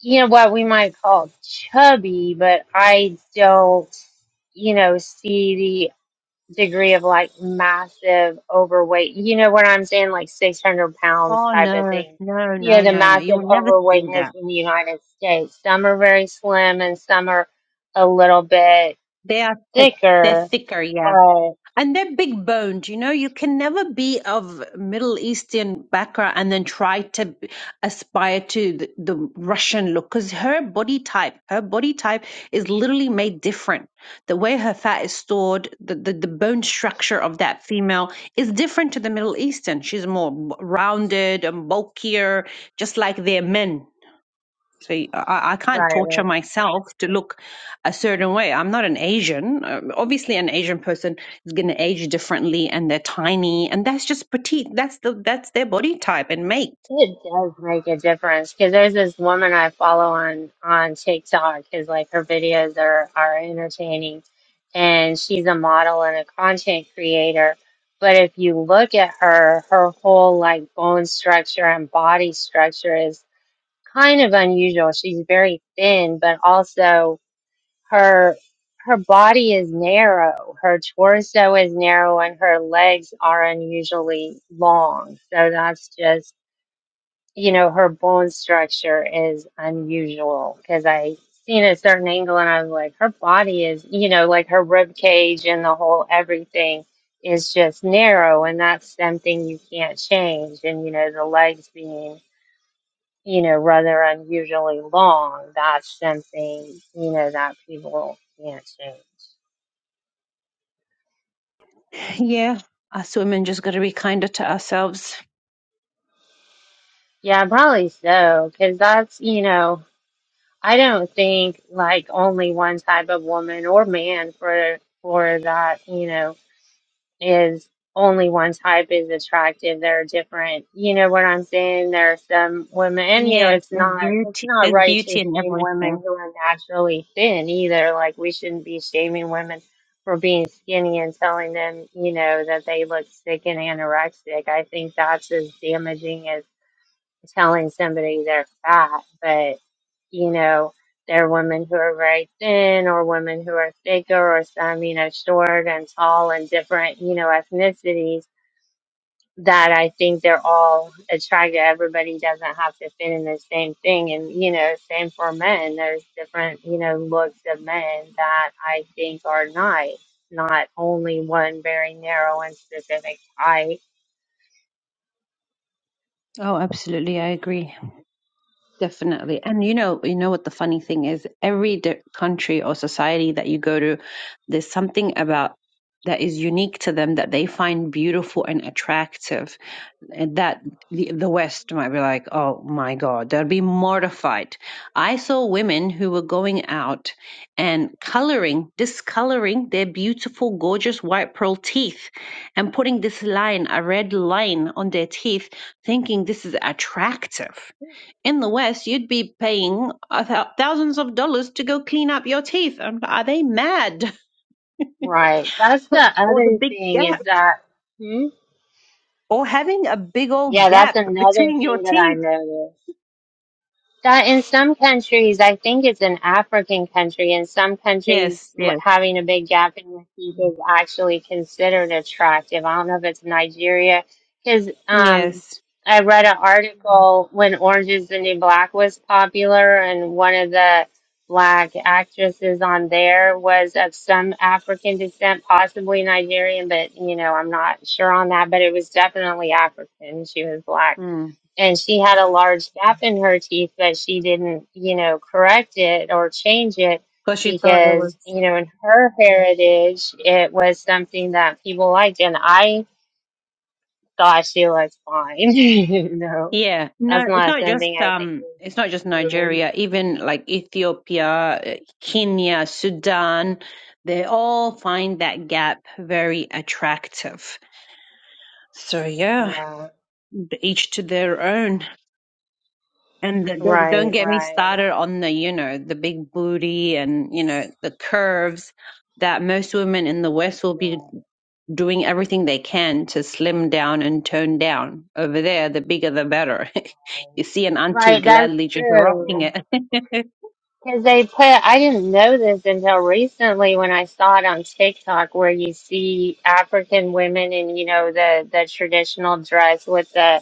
A: you know, what we might call chubby, but I don't, you know, see degree of like massive overweight. You know what I'm saying? Like 600 pounds
I: Oh
A: type of
I: no,
A: thing.
I: no,
A: You
I: no,
A: know, the
I: no, no. You
A: massive
I: will never see that.
A: overweightness in the United States. Some are very slim and some are a little bit
I: They are thick. They're
A: thicker,
I: thicker,
A: but
I: yeah.
A: right,
I: And they're big boned, you know, you can never be of Middle Eastern background and then try to b- aspire to the, the Russian look because her body type, her body type is literally made different. The way her fat is stored, the, the, the bone structure of that female is different to the Middle Eastern. She's more b- rounded and bulkier, just like their men So y- I, I can't
A: right.
I: torture
A: right.
I: myself to look a certain way. I'm not an Asian. Um, Obviously, an Asian person is going to age differently, and they're tiny, and that's just petite. That's the that's their body type and make.
A: It does make a difference because there's this woman I follow on on TikTok because like her videos are are entertaining and she's a model and a content creator. But if you look at her, her whole like bone structure and body structure is kind of unusual. She's very thin, but also her her body is narrow. Her torso is narrow and her legs are unusually long. So that's just you know, her bone structure is unusual because I seen a certain angle and I was like, her body is, you know, like her rib cage and the whole everything is just narrow, and that's something you can't change. And you know, the legs being, you know, rather unusually long, that's something, you know, that people can't change.
I: Yeah, us women just got to be kinder to ourselves.
A: Yeah, probably so, because that's, you know. I don't think like only one type of woman or man for for that, you know, is only one type is attractive. There are different, you know what I'm saying? There are some women and you know
I: Yes,
A: it's
I: there's
A: not it's
I: beauty.
A: not
I: There's
A: right to
I: beauty in
A: shame women
I: everything.
A: who are naturally thin either. Like we shouldn't be shaming women for being skinny and telling them, you know, that they look sick and anorexic. I think that's as damaging telling somebody they're fat, but you know, there are women who are very thin or women who are thicker or some, you know, short and tall and different, you know, ethnicities that I think they're all attracted. Everybody doesn't have to fit in the same thing. And, you know, same for men. There's different, you know, looks of men that I think are nice, not only one very narrow and specific type.
I: Oh, absolutely, I agree. Definitely. And you know, you know what the funny thing is? Every di- country or society that you go to, there's something about that is unique to them that they find beautiful and attractive. And that the, the West might be like, oh my God, they'll be mortified. I saw women who were going out and coloring, discoloring their beautiful, gorgeous white pearl teeth and putting this line, a red line on their teeth, thinking this is attractive in the West, you'd be paying a thou- thousands of dollars to go clean up your teeth. Um, Are they mad?
A: Right. That's
I: <laughs>
A: the
I: Or the
A: other
I: big
A: thing
I: gap?
A: is that, hmm?
I: Or having a big
A: Yeah,
I: old
A: that's
I: gap
A: another
I: between your
A: thing that I
I: teeth?
A: noticed. That in some countries, I think it's an African country, in some countries,
I: Yes,
A: l-
I: yes,
A: having a big gap in your teeth is actually considered attractive. I don't know if it's Nigeria, because um,
I: yes.
A: I read an article when Orange is the New Black was popular, and one of the black actresses on there was of some African descent, possibly Nigerian, but you know, I'm not sure on that, but it was definitely African. She was black
I: Mm.
A: and she had a large gap in her teeth but she didn't you know correct it or change it
I: Because you thought it was.
A: because you know in her heritage it was something that people liked and i thought she looked fine <laughs> you know
I: Yeah, no,
A: that's
I: it's
A: not
I: not just
A: something i think
I: um,
A: is
I: it's not just
A: weird.
I: Nigeria. Even like Ethiopia, eh, Kenya, Sudan, they all find that gap very attractive. So yeah,
A: yeah
I: each to their own. And the, don't, don't
A: right
I: get me
A: right
I: started on the, you know, the big booty and, you know, the curves that most women in the West will be
A: right
I: doing everything they can to slim down and tone down. Over there, the bigger the better. <laughs> you see an auntie
A: right that's
I: gladly just rocking
A: true
I: it. <laughs>
A: Because they put, I didn't know this until recently when I saw it on TikTok, where you see African women in, you know, the the traditional dress with the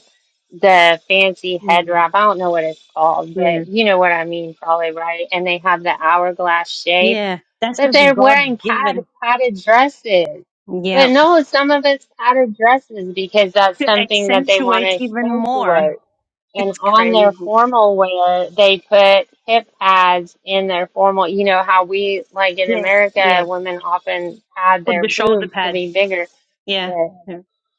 A: the fancy head
I: Mm,
A: wrap. I don't know what it's called,
I: yeah.
A: but you know what I mean, probably right. And they have the hourglass shape,
I: Yeah. That's
A: but
I: just
A: they're
I: God
A: wearing pad,
I: given.
A: padded dresses.
I: Yeah.
A: But no, some of it's padded dresses because that's
I: To
A: something that they want
I: accentuate
A: to
I: even
A: accentuate.
I: more.
A: And
I: It's
A: on
I: crazy.
A: their formal wear, they put hip pads in their formal, you know, how we, like in
I: Yes. Yeah.
A: America, women often pad
I: Put
A: their
I: the shoulder
A: boobs to
I: pads.
A: be bigger.
I: Yeah.
A: But,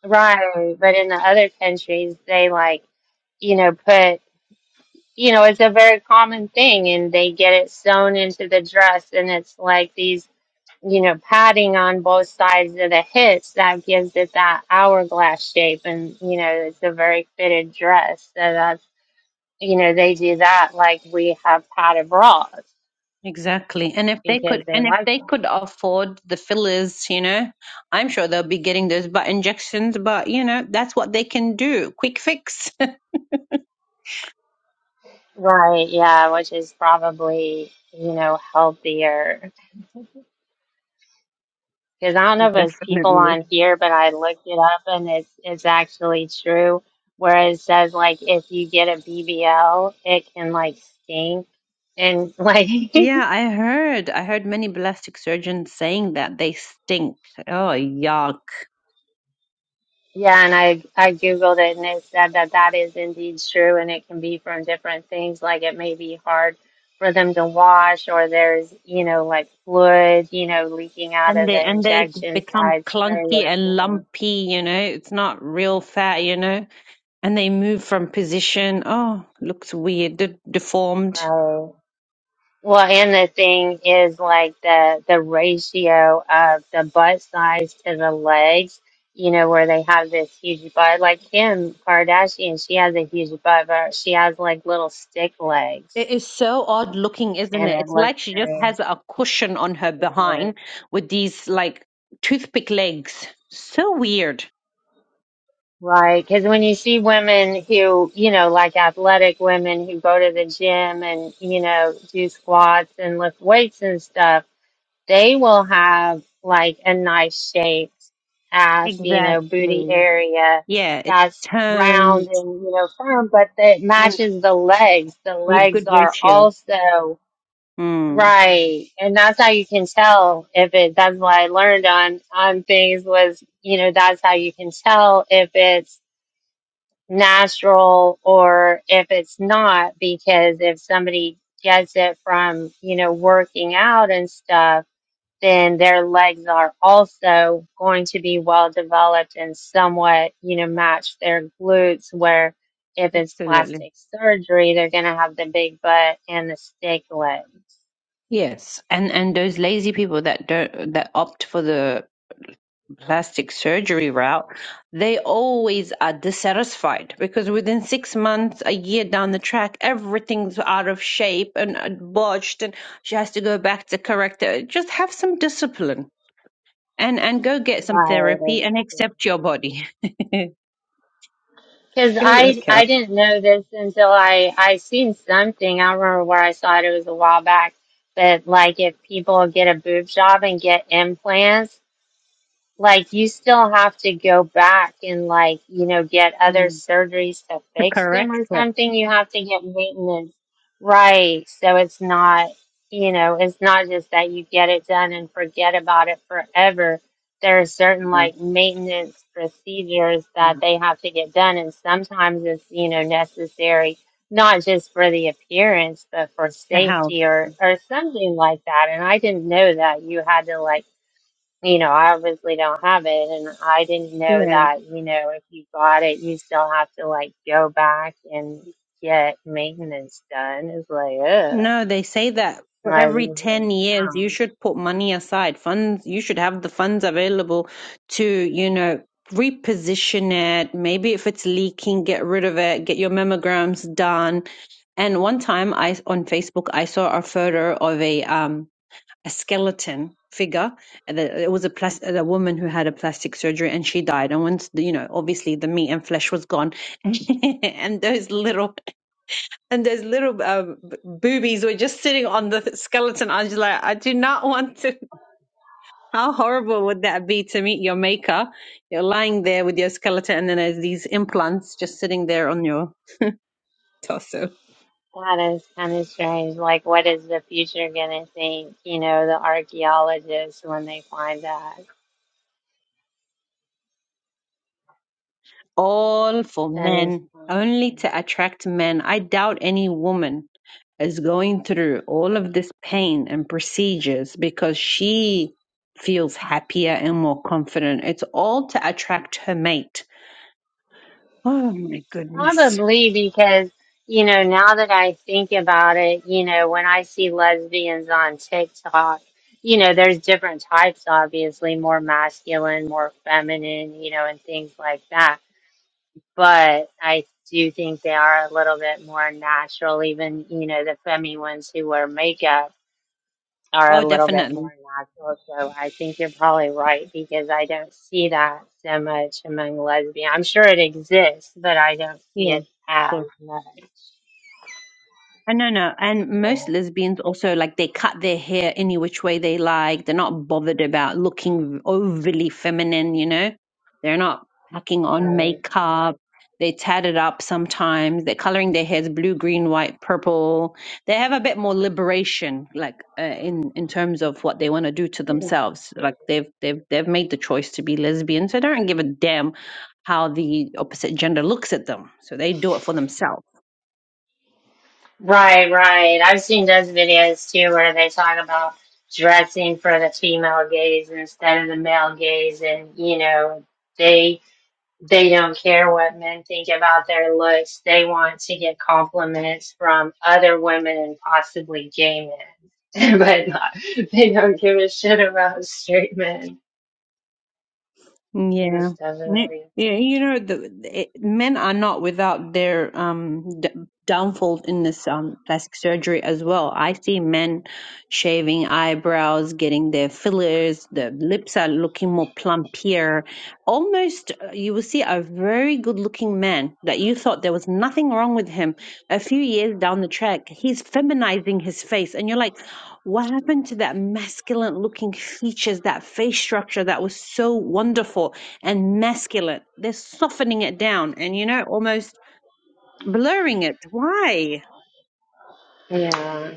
A: right. But in the other countries, they like, you know, put, you know, it's a very common thing and they get it sewn into the dress and it's like these, you know, padding on both sides of the hips that gives it that hourglass shape. And, you know, it's a very fitted dress. So that's you know, they do that like we have had abroad
I: Exactly. And if they
A: because
I: could
A: they
I: and if
A: like
I: they
A: them.
I: could afford the fillers, you know, I'm sure they'll be getting those butt injections, but you know, that's what they can do. Quick fix.
A: Right, yeah, which is probably, you know, healthier. Because I don't know
I: <laughs>
A: if it's people
I: Definitely.
A: on here, but I looked it up and it's it's actually true. Where it says like if you get a BBL, it can like stink and like <laughs>
I: Yeah, I heard. I heard many plastic surgeons saying that they stink. Oh, yuck.
A: Yeah, and I I googled it and it said that that is indeed true, and it can be from different things. Like it may be hard for them to wash, or there's you know like fluid you know leaking out
I: And
A: of
I: they
A: the
I: and they
A: injection
I: become
A: sites where the
I: clunky and
A: skin.
I: lumpy, you know. It's not real fat, you know. And they move from position. Oh, looks weird, de- deformed.
A: Right. Well, and the thing is like the the ratio of the butt size to the legs. You know where they have this huge butt, like Kim Kardashian, she has a huge butt, but she has like little stick legs.
I: It is so odd looking, isn't
A: and
I: it?
A: it
I: It's
A: looks
I: like she just
A: nice.
I: has a cushion on her
A: It's
I: behind with these like toothpick legs. So weird.
A: Right, because when you see women who, you know, like athletic women who go to the gym and, you know, do squats and lift weights and stuff, they will have like a nice shaped ass, you know, booty
I: Exactly.
A: area
I: Yeah, it's
A: that's round
I: toned
A: and, you know, firm, but that
I: and
A: matches the legs. The
I: with good
A: legs are
I: ratio.
A: also
I: Mm,
A: Right. And that's how you can tell if it, that's what I learned on, on things was, you know, that's how you can tell if it's natural or if it's not, because if somebody gets it from, you know, working out and stuff, then their legs are also going to be well developed and somewhat, you know, match their glutes where if it's
I: absolutely.
A: plastic surgery, they're going to have the big butt and the stick leg.
I: Yes, and and those lazy people that don't that opt for the plastic surgery route, they always are dissatisfied because within six months, a year down the track, everything's out of shape and uh, botched, and she has to go back to correct it. Just have some discipline and and go get some therapy
A: Right.
I: and accept your body. <laughs>
A: Because
I: go
A: I
I: work
A: I
I: out
A: didn't know this until I I seen something. I don't remember where I saw it. It was a while back. But like, if people get a boob job and get implants. Like you still have to go back and like, you know, get other
I: Mm.
A: surgeries to
I: to
A: fix them
I: correct
A: or
I: it.
A: something. You have to get maintenance. Right. So it's not, you know, it's not just that you get it done and forget about it forever. There are certain
I: Mm.
A: like maintenance procedures that they have to get done and sometimes it's, you know, necessary not just for the appearance but for
I: The health.
A: safety or or something like that. And I didn't know that you had to like you know, I obviously don't have it. And I didn't know
I: Yeah.
A: that, you know, if you got it, you still have to like go back and get maintenance done. It's like, ugh.
I: No, they say that for
A: Like,
I: every 10 years you
A: um,
I: should put money aside, funds, you should have the funds available to, you know, reposition it. Maybe if it's leaking, get rid of it, get your mammograms done. And one time I on Facebook I saw a photo of a um a skeleton figure and it it was a plas- a woman who had a plastic surgery and she died and once the- you know obviously the meat and flesh was gone <laughs> and those little and those little um, boobies were just sitting on the skeleton. I was just like, I do not want to. How horrible would that be to meet your maker? You're lying there with your skeleton, and then there's these implants just sitting there on your torso.
A: that is kind of strange. Like, what is the future going to think, you know, the archaeologists when they find that?
I: All for
A: That is
I: men,
A: kind of
I: only
A: strange.
I: to attract men. I doubt any woman is going through all of this pain and procedures because she feels happier and more confident. It's all to attract her mate. Oh my goodness.
A: Probably because, you know, now that I think about it, you know, when I see lesbians on TikTok, you know, there's different types, obviously, more masculine, more feminine, you know, and things like that. But I do think they are a little bit more natural, even, you know, the femi ones who wear makeup are
I: Oh,
A: a little bit
I: definitely.
A: more natural. So I think you're probably right because I don't see that so much among lesbians. I'm sure it exists, but I don't see
I: Yeah, of
A: it
I: course.
A: as much.
I: I no no, and most lesbians also like they cut their hair any which way they like. They're not bothered about looking overly feminine, you know. They're not packing on
A: Yeah, Right,
I: makeup. They tat it up sometimes. They're coloring their hairs blue, green, white, purple. They have a bit more liberation, like uh, in in terms of what they want to do to themselves. Like they've they've they've made the choice to be lesbian, so they don't give a damn how the opposite gender looks at them. So they do it for themselves.
A: right, right. I've seen those videos too where they talk about dressing for the female gaze instead of the male gaze, and you know, they They don't care what men think about their looks. They want to get compliments from other women and possibly gay men. <laughs> but not, they don't give a shit about straight men.
I: Yeah.
A: That's
I: Ne-
A: definitely
I: Yeah, you
A: a
I: know, the, the- it, men are not without their um d downfall in this um plastic surgery as well. I see men shaving eyebrows, getting their fillers, the lips are looking more plumpier. Almost, uh, you will see a very good-looking man that you thought there was nothing wrong with him. A few years down the track, he's feminizing his face, and you're like, what happened to that masculine looking features, that face structure that was so wonderful and masculine? They're softening it down and, you know, almost blurring it. Why?
A: thing. Yeah,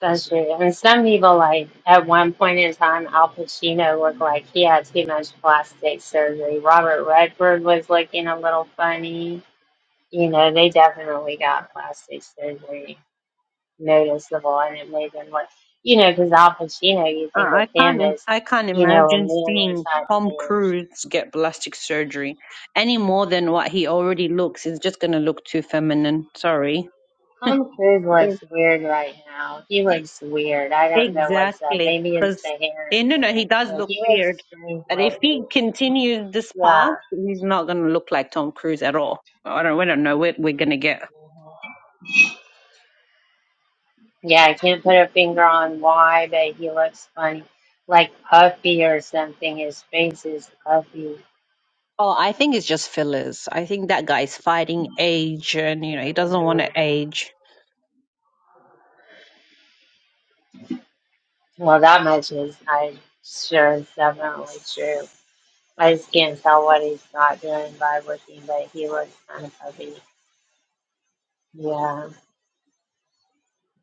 A: that's true. And some people, like, at one point in time, Al Pacino looked like he had too much plastic surgery. Robert Redford was looking a little funny. You know, they definitely got plastic surgery. noticeable and it made them look, you know, because Al Pacino, you
I: Uh,
A: think of
I: I
A: him
I: can't, im-
A: as,
I: I can't
A: you know, a
I: imagine
A: manly
I: seeing
A: type
I: Tom
A: man.
I: Cruise get plastic surgery any more than what he already looks. It's just going to look too feminine. Sorry.
A: Tom Cruise looks weird right now. He looks weird. I don't know what's up.
I: Exactly.
A: Maybe it's the
I: Because,
A: hair
I: no, no, he
A: implant,
I: does
A: but
I: look
A: he looks
I: weird.
A: strange
I: But if he
A: lately.
I: continues this
A: Yeah.
I: path, he's not going to look like Tom Cruise at all. I don't, we don't know what we're going to get.
A: Mhm. Yeah, I can't put a finger on why, but he looks funny. Like puffy or something. His face is puffy.
I: Oh, I think it's just fillers. I think that guy's fighting age and, you
A: It
I: know, he
A: could
I: doesn't want to
A: be.
I: age.
A: Well, that much is I sure is definitely true. I just can't tell what he's not doing by looking, but he looks kind of puffy. Yeah.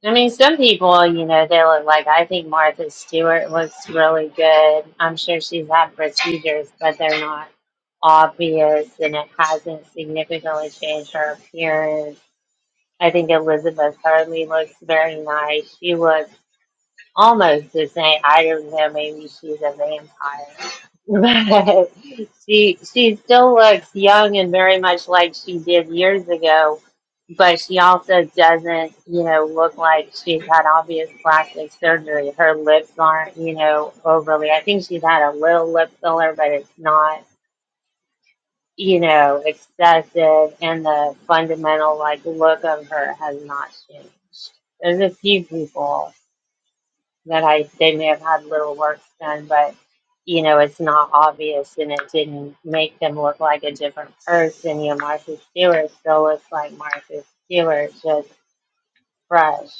A: I mean, some people, you know, they look like I think Martha Stewart looks really good. I'm sure she's had procedures, but they're not obvious and it hasn't significantly changed her appearance. I think Elizabeth Hurley looks very nice. She looks almost the same. I don't know. Maybe she's a vampire, <laughs> but she she still looks young and very much like she did years ago. But she also doesn't, you know, look like she's had obvious plastic surgery. Her lips aren't, you know, overly. I think she's had a little lip filler, but it's not, you know, excessive. And the fundamental like look of her has not changed. There's a few people that I they may have had little works done, but you know it's not obvious, and it didn't make them look like a different person. You know, Martha Stewart still looks like Martha Stewart, just fresh.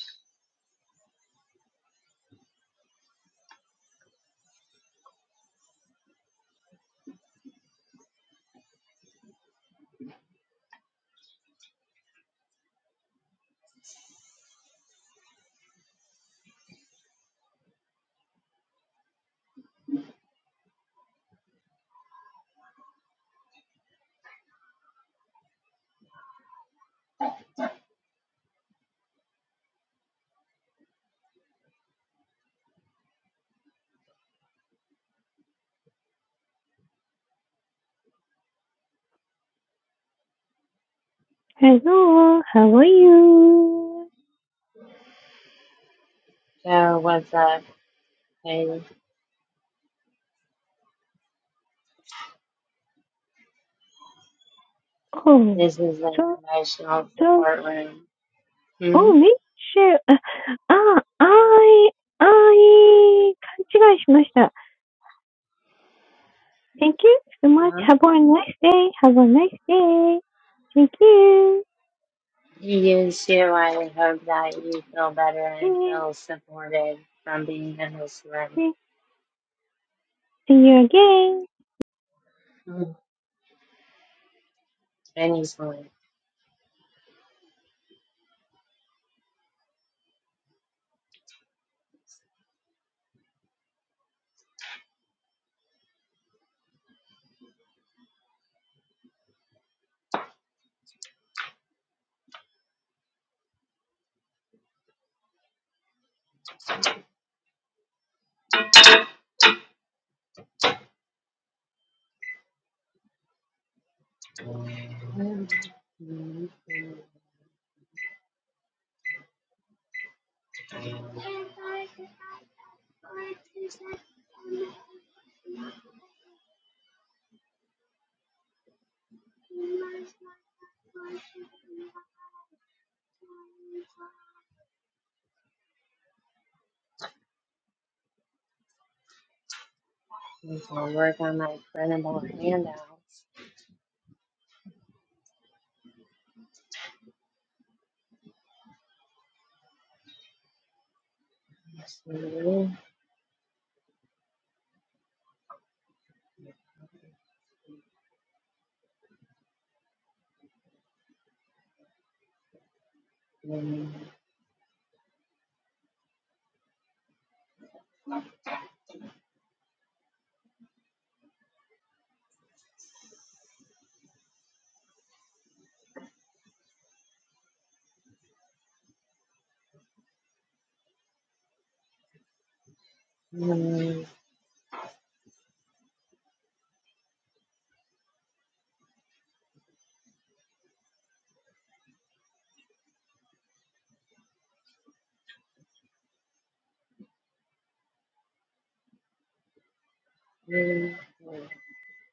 J: Hello, how are you?
A: So what's up, baby?
J: Oh,
A: This is an
J: so,
A: emotional
J: so,
A: support room. Hmm?
J: oh, ミッシェル、あ、あ、I, I, 勘違いしました。Thank you so much.
A: Huh?
J: Have a nice day. Have a nice day. Thank you.
A: You too. I hope that you feel better and
J: Yeah,
A: feel supported from being in this room.
J: see you again.
A: Mm. Anytime. Mm. Mm. I'm gonna work on my printable handouts. Mhm. Mhm. Mhm.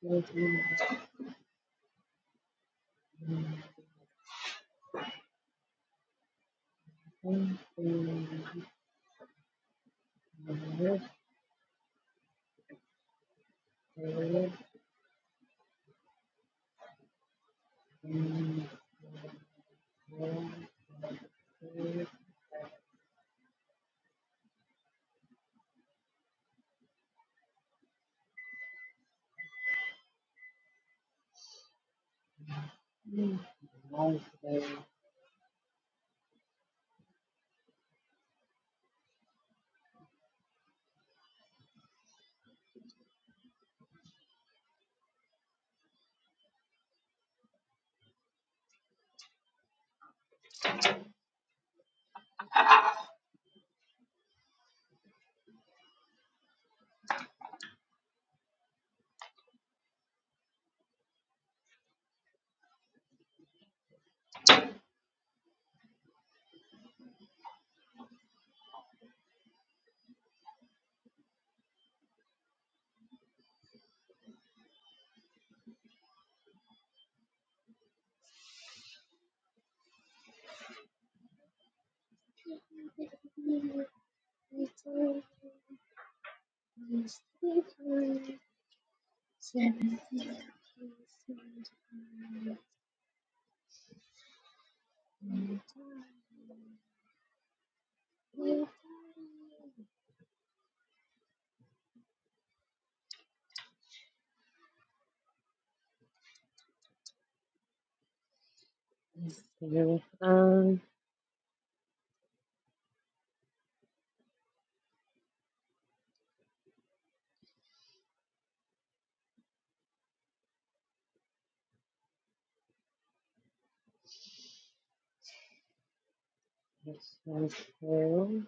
A: Mhm. Mhm. Um, cool.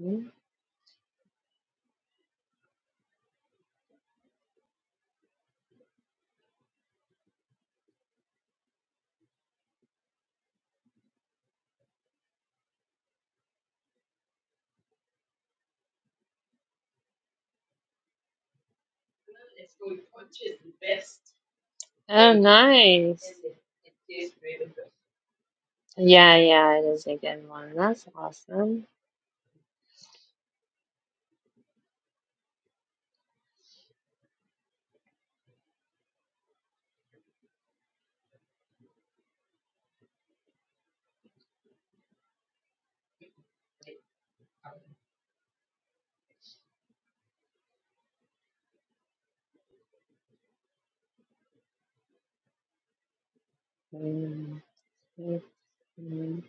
A: Mhm. Oh, nice. Yeah, yeah, it is a good one. That's awesome. Mhm. Mhm.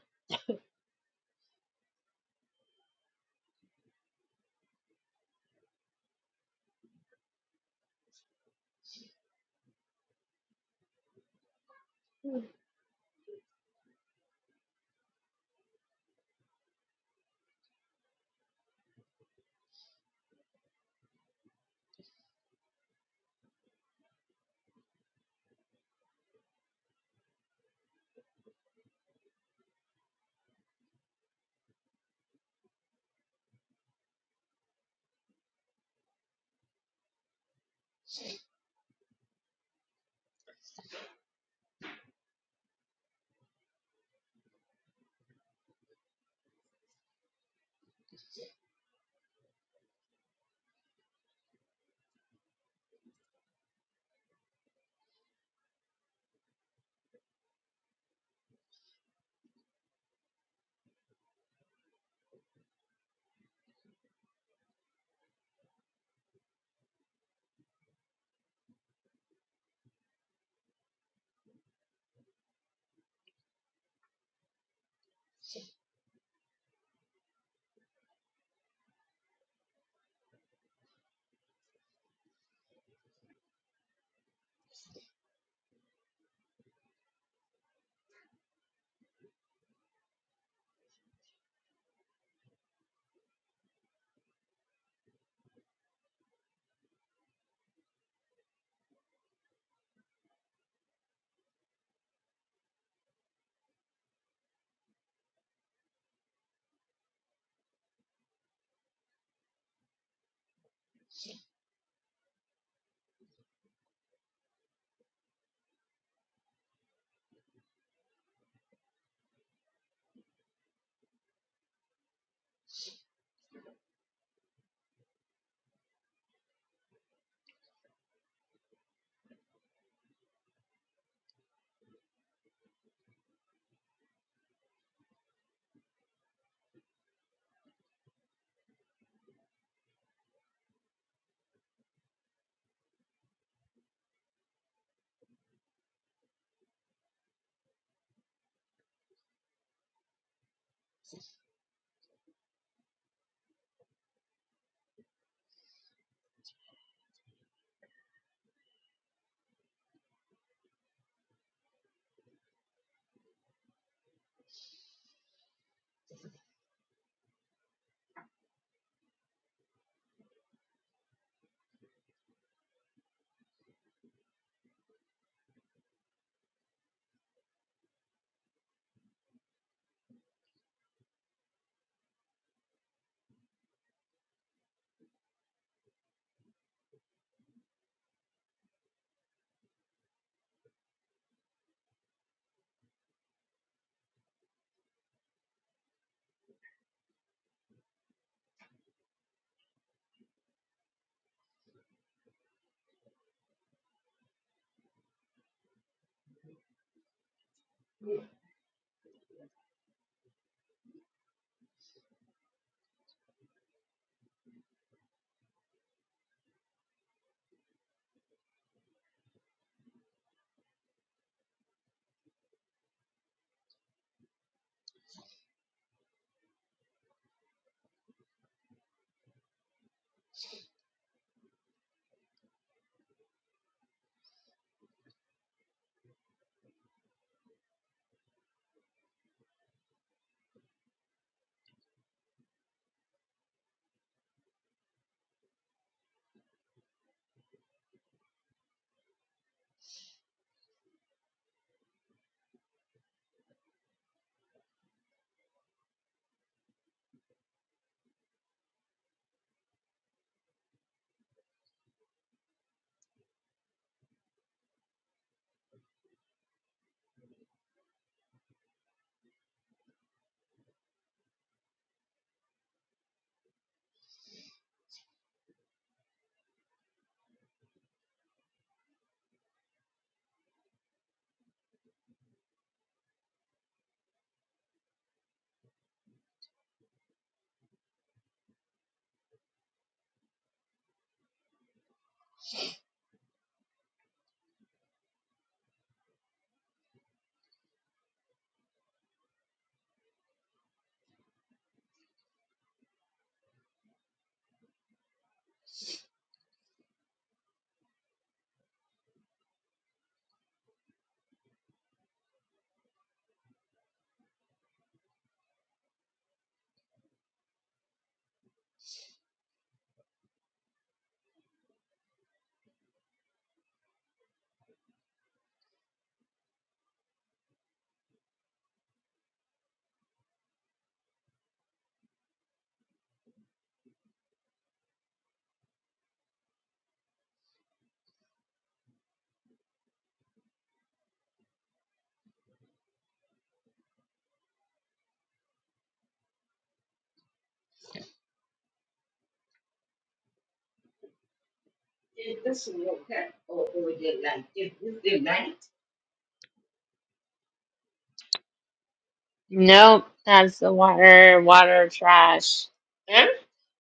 A: Nope, that's the water, water trash.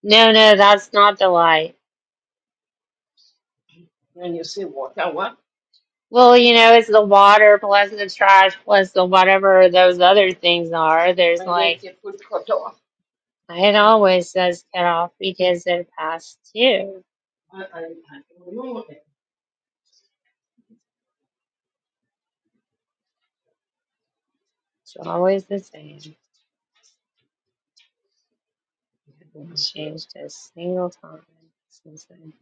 A: No, no, that's not the light. Well, you know, it's the water plus the trash plus the whatever those other things are. There's like, it always says cut off because they're past due. It's always the same. It hasn't changed a single time since I've been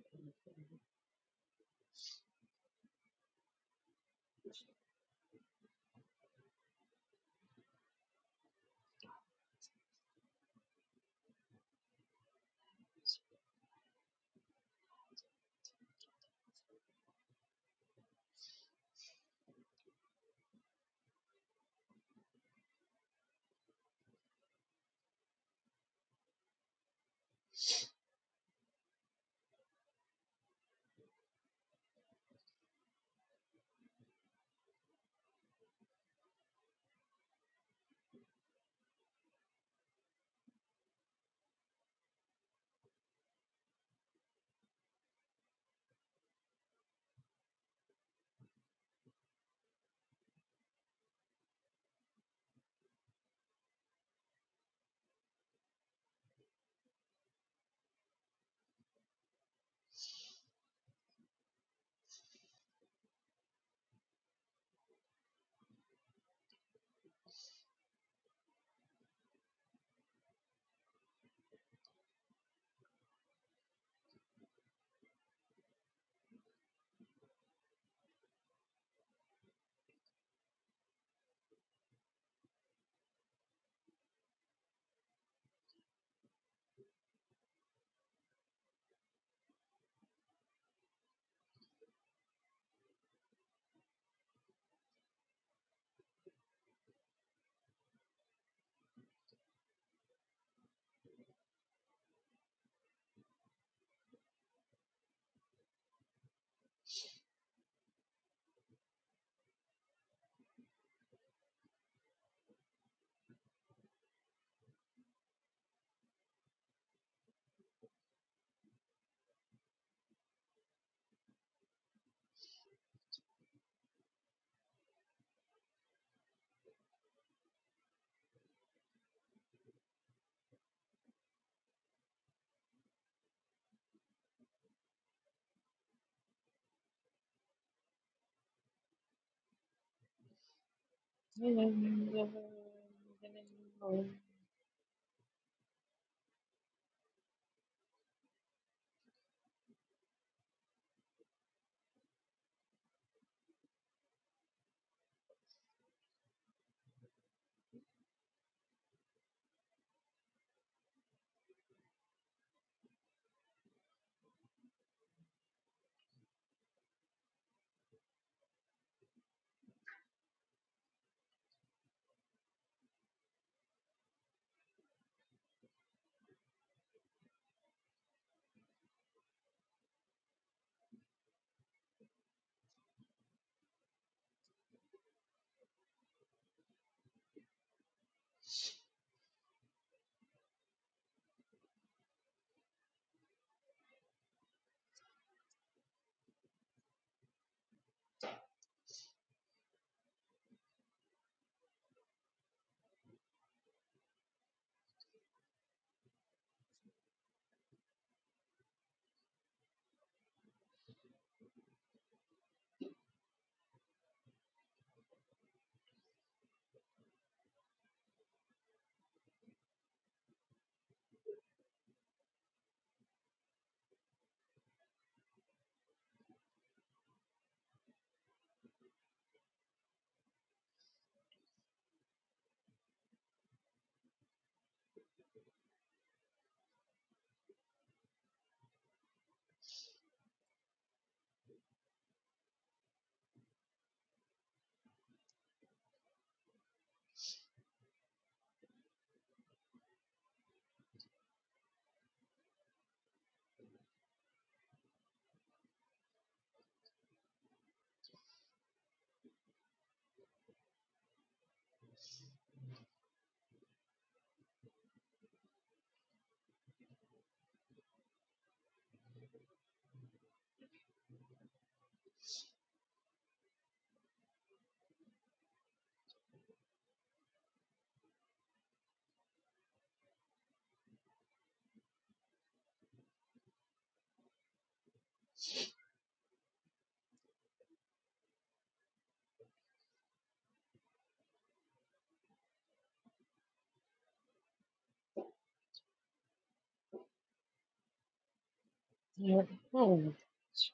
A: here. Oh,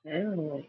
A: surely.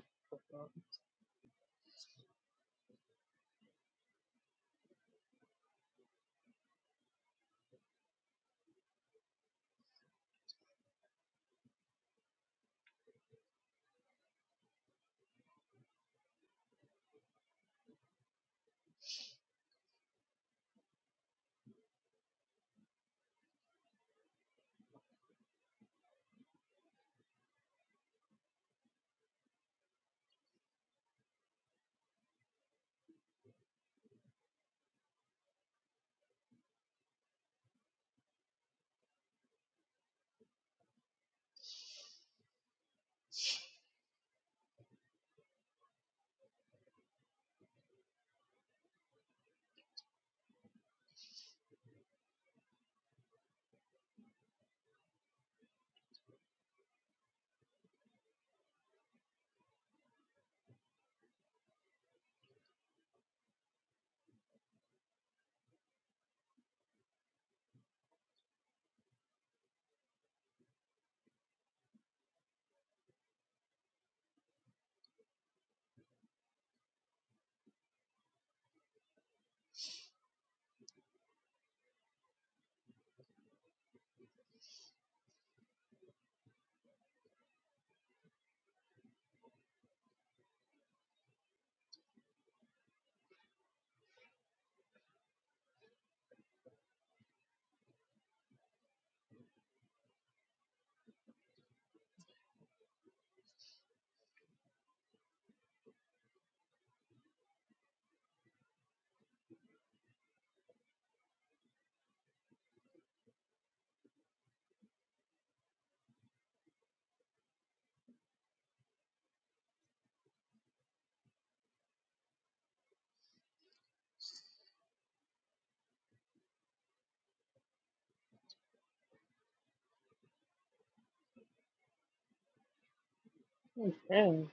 A: Okay.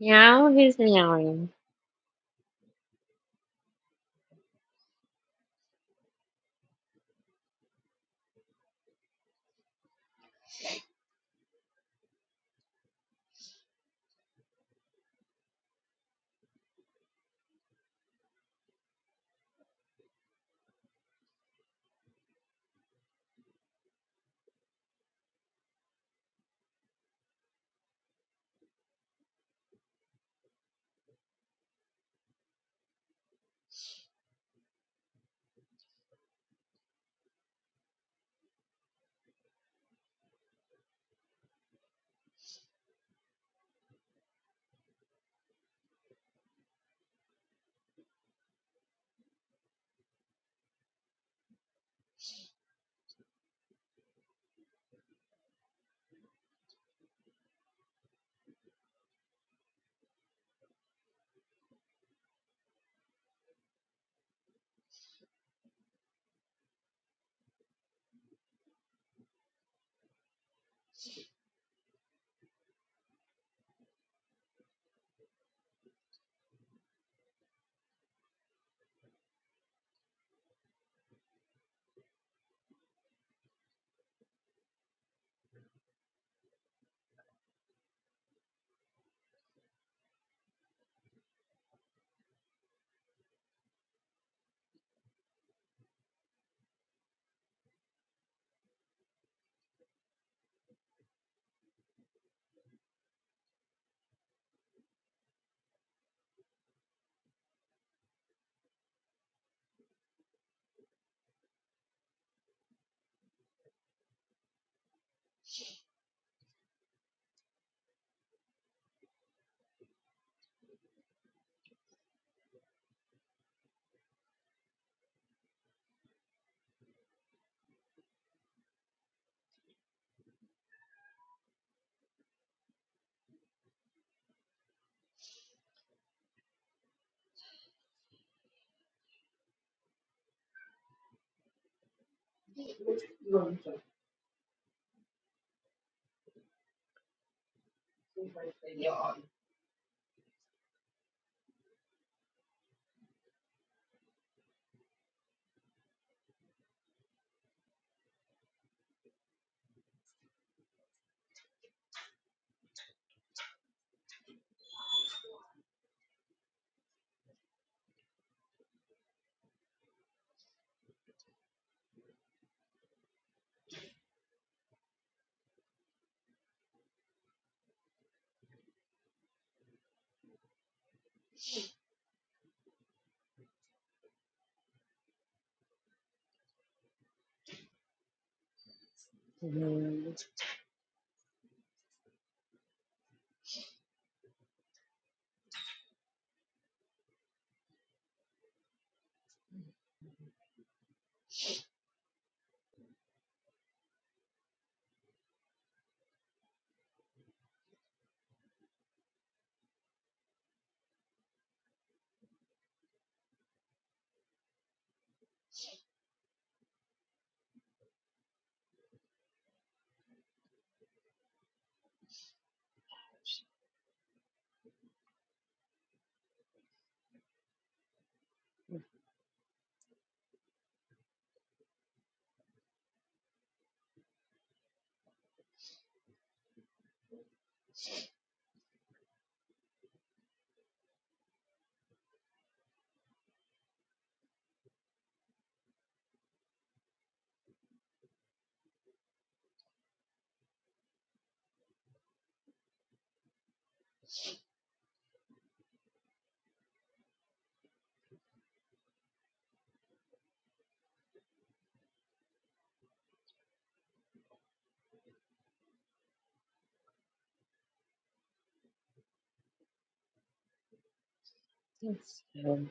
A: Yeah, who's meowing. Mm, It's so-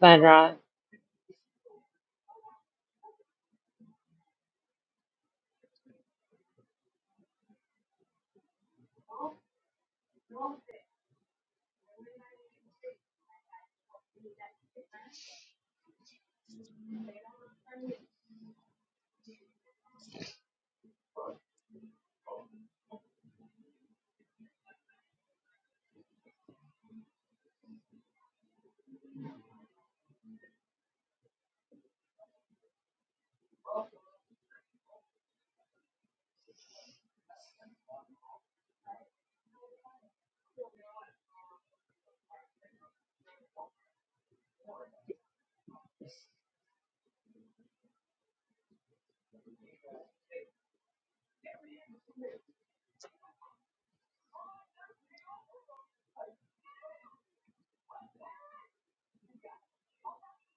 A: Fun rock.